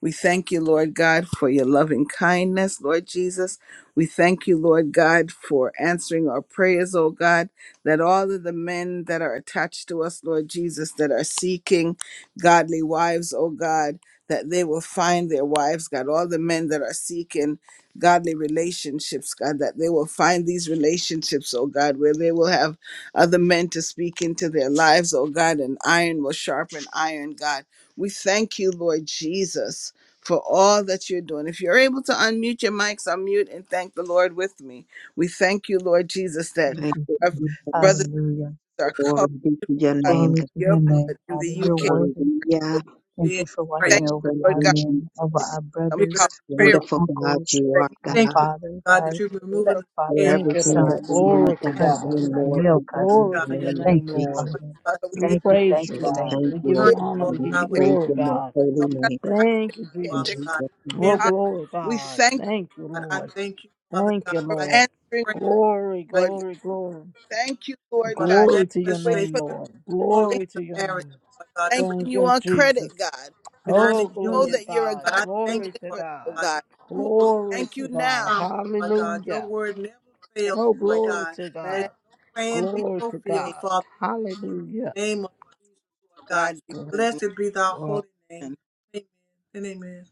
Speaker 1: We thank you, Lord God, for your loving kindness, Lord Jesus. We thank you, Lord God, for answering our prayers, oh God. That all of the men that are attached to us, Lord Jesus, that are seeking godly wives, oh God, that they will find their wives, God. All the men that are seeking godly relationships, God, that they will find these relationships, oh God, where they will have other men to speak into their lives, oh God, and iron will sharpen iron, God. We thank you, Lord Jesus for all that you're doing. If you're able to unmute your mics, unmute and thank the Lord with me. We thank you, Lord Jesus, that
Speaker 4: Thank
Speaker 5: Thank
Speaker 4: you.
Speaker 5: you,
Speaker 1: our
Speaker 5: Jesus.
Speaker 1: brothers
Speaker 4: Hallelujah.
Speaker 1: are covered
Speaker 5: Glory be to your
Speaker 1: by
Speaker 5: name,
Speaker 4: Glory
Speaker 5: God.
Speaker 4: to
Speaker 1: your
Speaker 4: your
Speaker 1: blood
Speaker 4: name,
Speaker 1: in the
Speaker 4: Father. You're
Speaker 1: UK.
Speaker 4: worthy.
Speaker 1: Lord.
Speaker 5: Hallelujah.
Speaker 4: Thank you for
Speaker 1: Thank
Speaker 5: Bless
Speaker 4: watching over
Speaker 5: your
Speaker 1: you, Lord
Speaker 4: our
Speaker 5: name,
Speaker 1: God,
Speaker 4: men, over
Speaker 5: Jesus.
Speaker 4: our
Speaker 1: for the
Speaker 4: brothers,
Speaker 1: power of prayer
Speaker 4: our
Speaker 5: Wonderful God,
Speaker 4: uncles,
Speaker 5: you
Speaker 1: that
Speaker 5: are
Speaker 1: you
Speaker 4: our
Speaker 1: are
Speaker 2: Thank
Speaker 1: doing
Speaker 2: you,
Speaker 5: God.
Speaker 4: fathers,
Speaker 2: Father God, that
Speaker 4: our
Speaker 2: you're
Speaker 5: you
Speaker 1: for
Speaker 2: removing the
Speaker 1: me
Speaker 4: stepfathers,
Speaker 2: scale,
Speaker 6: Thank
Speaker 4: our
Speaker 6: you,
Speaker 5: everything
Speaker 6: Lord.
Speaker 5: that we
Speaker 4: sons, our
Speaker 6: Glory
Speaker 5: need,
Speaker 6: to
Speaker 5: God,
Speaker 6: God.
Speaker 4: cousins,
Speaker 5: and
Speaker 4: our
Speaker 5: more,
Speaker 4: male
Speaker 5: God, in
Speaker 4: cousins.
Speaker 5: the
Speaker 6: Glory to
Speaker 2: God.
Speaker 6: your
Speaker 1: and
Speaker 5: name of
Speaker 4: Thank
Speaker 6: name,
Speaker 4: you,
Speaker 5: Jesus.
Speaker 6: Lord.
Speaker 2: Lord
Speaker 4: Father.
Speaker 1: my
Speaker 2: God, that
Speaker 1: Father. We thank
Speaker 6: We
Speaker 2: they
Speaker 4: Thank you,
Speaker 6: praise
Speaker 4: thank
Speaker 6: you,
Speaker 1: you.
Speaker 5: So
Speaker 4: you,
Speaker 2: will
Speaker 5: we
Speaker 4: thank
Speaker 6: God.
Speaker 5: thank
Speaker 4: you.
Speaker 6: We
Speaker 5: you,
Speaker 6: give
Speaker 5: oh
Speaker 6: you
Speaker 2: learn,
Speaker 6: honor.
Speaker 5: God,
Speaker 2: Lord
Speaker 5: and
Speaker 6: We
Speaker 5: we
Speaker 6: give
Speaker 2: God,
Speaker 6: you
Speaker 2: with
Speaker 5: praise
Speaker 6: glory,
Speaker 5: your most
Speaker 6: God.
Speaker 5: holy
Speaker 2: with
Speaker 5: name
Speaker 2: right,
Speaker 6: Thank you,
Speaker 5: in
Speaker 2: Father
Speaker 6: Jesus.
Speaker 5: Jesus'
Speaker 2: God.
Speaker 5: name.
Speaker 6: Oh,
Speaker 2: In the name
Speaker 6: glory,
Speaker 1: We
Speaker 2: of Jesus,
Speaker 6: God.
Speaker 1: thank you
Speaker 6: Thank you,
Speaker 2: God, I
Speaker 6: Lord.
Speaker 2: thank you, Father
Speaker 6: Thank you,
Speaker 2: God.
Speaker 1: for
Speaker 2: I give
Speaker 6: Lord.
Speaker 2: you
Speaker 1: answering,
Speaker 2: praise.
Speaker 6: Glory,
Speaker 2: I
Speaker 1: Lord
Speaker 2: give you
Speaker 1: God.
Speaker 6: glory, glory.
Speaker 1: Thank you, Lord
Speaker 2: for the
Speaker 1: God.
Speaker 6: Glory to your
Speaker 1: Wait
Speaker 2: manifestation
Speaker 6: name,
Speaker 1: for
Speaker 2: of
Speaker 6: Lord.
Speaker 2: glory
Speaker 1: the day
Speaker 2: in
Speaker 6: Glory to
Speaker 2: the
Speaker 6: your
Speaker 2: marriage,
Speaker 6: name.
Speaker 2: Lord God.
Speaker 1: thanking
Speaker 6: Thank
Speaker 1: you
Speaker 6: you,
Speaker 1: on
Speaker 6: Jesus.
Speaker 1: credit, God, because
Speaker 6: Oh,
Speaker 1: we
Speaker 2: United
Speaker 1: know
Speaker 6: glory
Speaker 2: Union,
Speaker 6: to
Speaker 1: that you're a God
Speaker 6: God.
Speaker 2: Father God. I
Speaker 1: that
Speaker 2: thank
Speaker 6: Glory
Speaker 2: you,
Speaker 6: to
Speaker 2: Father
Speaker 1: delivers, oh
Speaker 6: God.
Speaker 2: God.
Speaker 1: God.
Speaker 2: You
Speaker 1: So
Speaker 2: are
Speaker 1: we
Speaker 6: Glory
Speaker 1: thank
Speaker 2: faithful
Speaker 6: to
Speaker 1: you
Speaker 2: and
Speaker 1: now
Speaker 6: God.
Speaker 2: promise, Lord God. Your
Speaker 6: Hallelujah.
Speaker 2: word never fails,
Speaker 6: Oh,
Speaker 2: Lord
Speaker 6: glory
Speaker 2: God.
Speaker 6: to
Speaker 2: Let
Speaker 6: God.
Speaker 1: Amen.
Speaker 2: your plan be
Speaker 6: Glory to
Speaker 1: May
Speaker 2: fulfilled,
Speaker 6: God.
Speaker 2: Father. We thank you in
Speaker 6: Hallelujah.
Speaker 2: the name of Jesus, Lord God.
Speaker 1: God be
Speaker 6: Glory,
Speaker 1: the glory.
Speaker 2: Blessed be thy holy name. Amen and amen.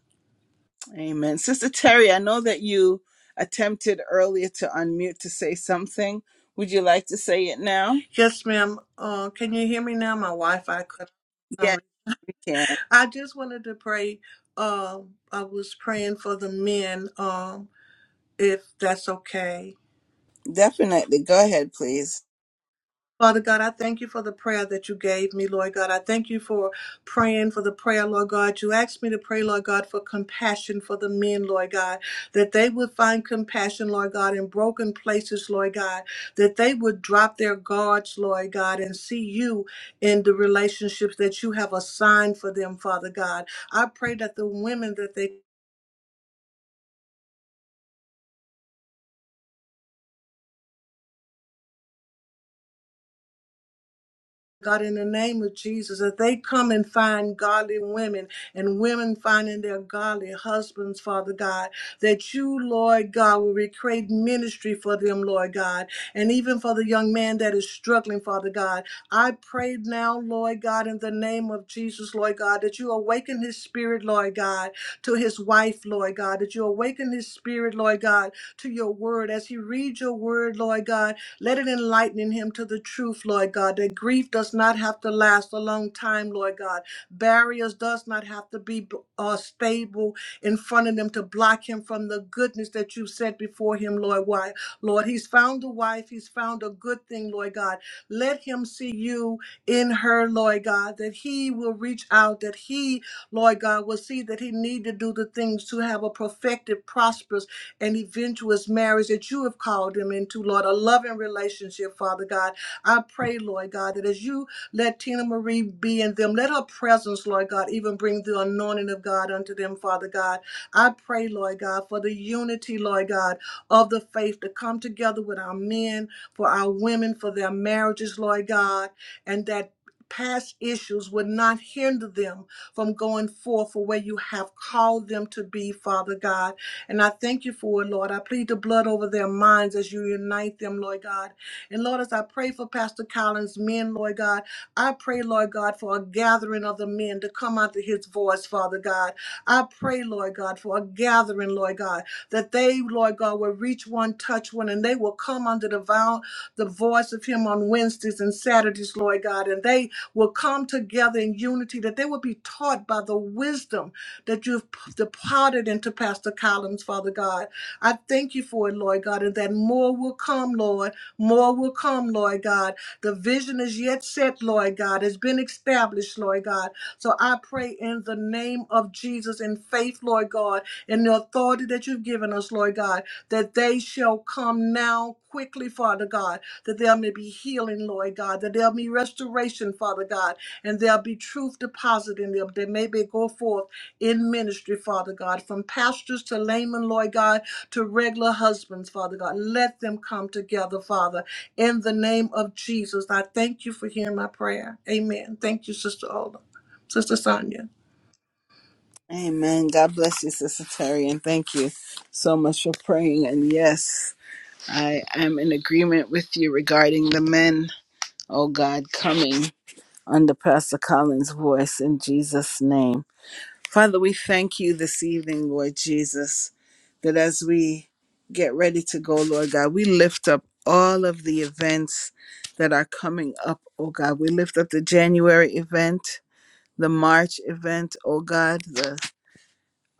Speaker 1: Amen. Sister Terry, I know that you attempted earlier to unmute to say something. Would you like to say it now?
Speaker 2: Yes, ma'am. Uh, can you hear me now? My Wi-Fi cut. out for some
Speaker 1: Yes,
Speaker 2: reason.
Speaker 1: you can.
Speaker 2: I just wanted to pray. Um, I was praying for the men. Um, if that's okay.
Speaker 1: Definitely. Go ahead, please.
Speaker 2: Father God, I thank you for the prayer that you gave me, Lord God. I thank you for praying for the prayer, Lord God. You asked me to pray, Lord God, for compassion for the men, Lord God, that they would find compassion, Lord God, in broken places, Lord God, that they would drop their guards, Lord God, and see you in the relationships that you have assigned for them, Father God. I pray that the women that they God, in the name of Jesus, that they come and find godly women and women finding their godly husbands, Father God, that you, Lord God, will recreate ministry for them, Lord God, and even for the young man that is struggling, Father God. I pray now, Lord God, in the name of Jesus, Lord God, that you awaken his spirit, Lord God, to his wife, Lord God, that you awaken his spirit, Lord God, to your word as he reads read your word, Lord God. Let it enlighten him to the truth, Lord God, that grief does not have to last a long time, Lord God. Barriers does not have to be uh, stable in front of them to block him from the goodness that you set before him, Lord. Why? Lord, he's found a wife. He's found a good thing, Lord God. Let him see you in her, Lord God, that he will reach out, that he, Lord God, will see that he need to do the things to have a perfected, prosperous, and eventuous marriage that you have called them into, Lord, a loving relationship, Father God. I pray, Lord God, that as you let Tina Marie be in them, let her presence, Lord God, even bring the anointing of God unto them, Father God. I pray, Lord God, for the unity, Lord God, of the faith to come together with our men, for our women, for their marriages, Lord God, and that past issues would not hinder them from going forth for where you have called them to be, Father God. And I thank you for it, Lord. I plead the blood over their minds as you unite them, Lord God. And Lord, as I pray for Pastor Collins' men, Lord God, I pray, Lord God, for a gathering of the men to come out to his voice, Father God. I pray, Lord God, for a gathering, Lord God, that they, Lord God, will reach one, touch one, and they will come come under the, vow, the voice of Him on Wednesdays and Saturdays, Lord God, and they will come together in unity, that they will be taught by the wisdom that you've p- departed into Pastor Collins, Father God. I thank you for it, Lord God, and that more will come, Lord. More will come, Lord God. The vision is yet set, Lord God, has been established, Lord God. So I pray in the name of Jesus in faith, Lord God, and the authority that you've given us, Lord God, that they shall come now quickly, Father God, that there may be healing, Lord God, that there be restoration, Father God, and there be truth deposited in them. They may be go forth in ministry, Father God, from pastors to laymen, Lord God, to regular husbands, Father God. Let them come together, Father, in the name of Jesus. I thank you for hearing my prayer. Amen. Thank you, Sister Ola. Sister Sonia.
Speaker 1: Amen. God bless you, Sister Terry, and thank you so much for praying. And yes, I am in agreement with you regarding the men, oh God, coming under Pastor Collins' voice in Jesus' name. Father, we thank you this evening, Lord Jesus, that as we get ready to go, Lord God, we lift up all of the events that are coming up, oh God. We lift up the January event, the March event, oh God, the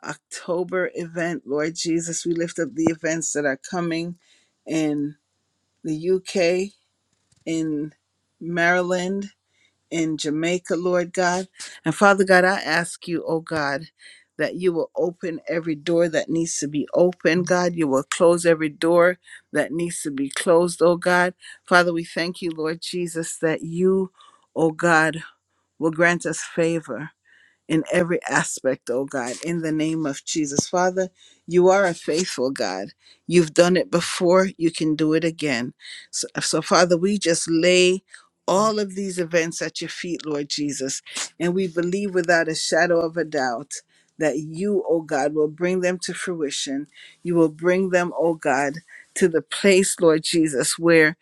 Speaker 1: October event, Lord Jesus. We lift up the events that are coming in the UK, in Maryland, in Jamaica, Lord God. And Father God, I ask you, oh God, that you will open every door that needs to be opened, God. You will close every door that needs to be closed, oh God. Father, we thank you, Lord Jesus, that you, oh God, will grant us favor in every aspect, oh God, in the name of Jesus. Father, you are a faithful God. You've done it before, you can do it again. So, so, Father, we just lay all of these events at your feet, Lord Jesus, and we believe without a shadow of a doubt that you, oh God, will bring them to fruition. You will bring them, oh God, to the place, Lord Jesus, where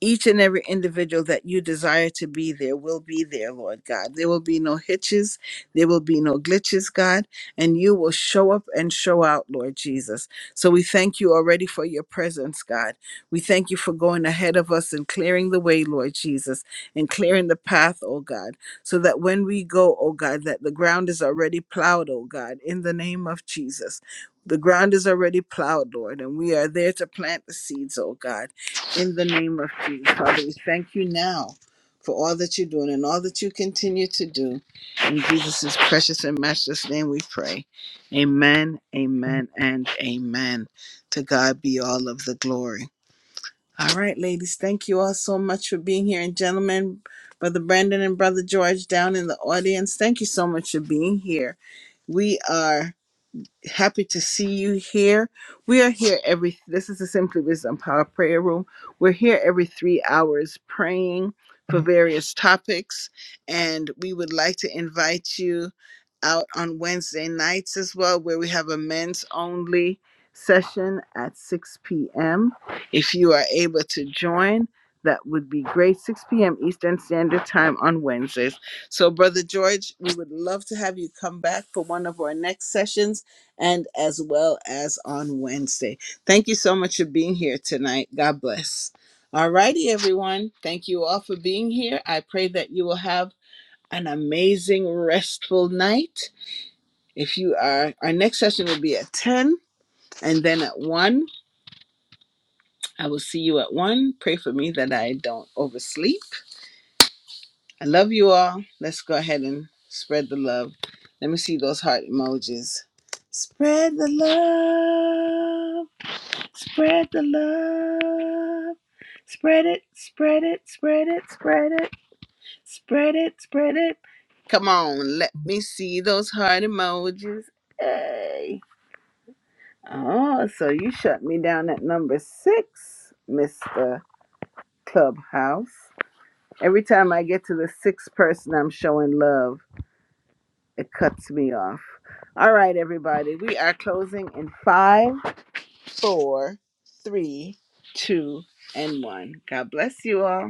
Speaker 1: each and every individual that you desire to be there will be there, Lord God. There will be no hitches, there will be no glitches, God, and you will show up and show out, Lord Jesus. So we thank you already for your presence, God. We thank you for going ahead of us and clearing the way, Lord Jesus, and clearing the path, oh God, so that when we go, oh God, that the ground is already plowed, oh God, in the name of Jesus. The ground is already plowed, Lord, and we are there to plant the seeds, oh God in the name of Jesus. Father, we thank you now for all that you're doing and all that you continue to do. In Jesus' precious and matchless name we pray. Amen, amen, and amen. To God be all of the glory. All right, ladies, thank you all so much for being here. And gentlemen, Brother Brandon and Brother George down in the audience, thank you so much for being here. We are happy to see you here. We are here every, this is the Simply Wisdom Power Prayer Room. We're here every three hours praying for various topics. And we would like to invite you out on Wednesday nights as well, where we have a men's only session at 6 p.m. If you are able to join, that would be great. 6 p.m. Eastern Standard Time on Wednesdays. So, Brother George, we would love to have you come back for one of our next sessions and as well as on Wednesday. Thank you so much for being here tonight. God bless. All righty, everyone. Thank you all for being here. I pray that you will have an amazing, restful night. If you are, our next session will be at 10 and then at 1. I will see you at 1. Pray for me that I don't oversleep. I love you all. Let's go ahead and spread the love. Let me see those heart emojis. Spread the love. Spread the love. Spread it, spread it, spread it, spread it, spread it, spread it. Come on, let me see those heart emojis. Hey. Oh, so you shut me down at number six, Mr. Clubhouse. Every time I get to the sixth person I'm showing love, it cuts me off. All right, everybody, we are closing in five. four, three, two, and one. God bless you all.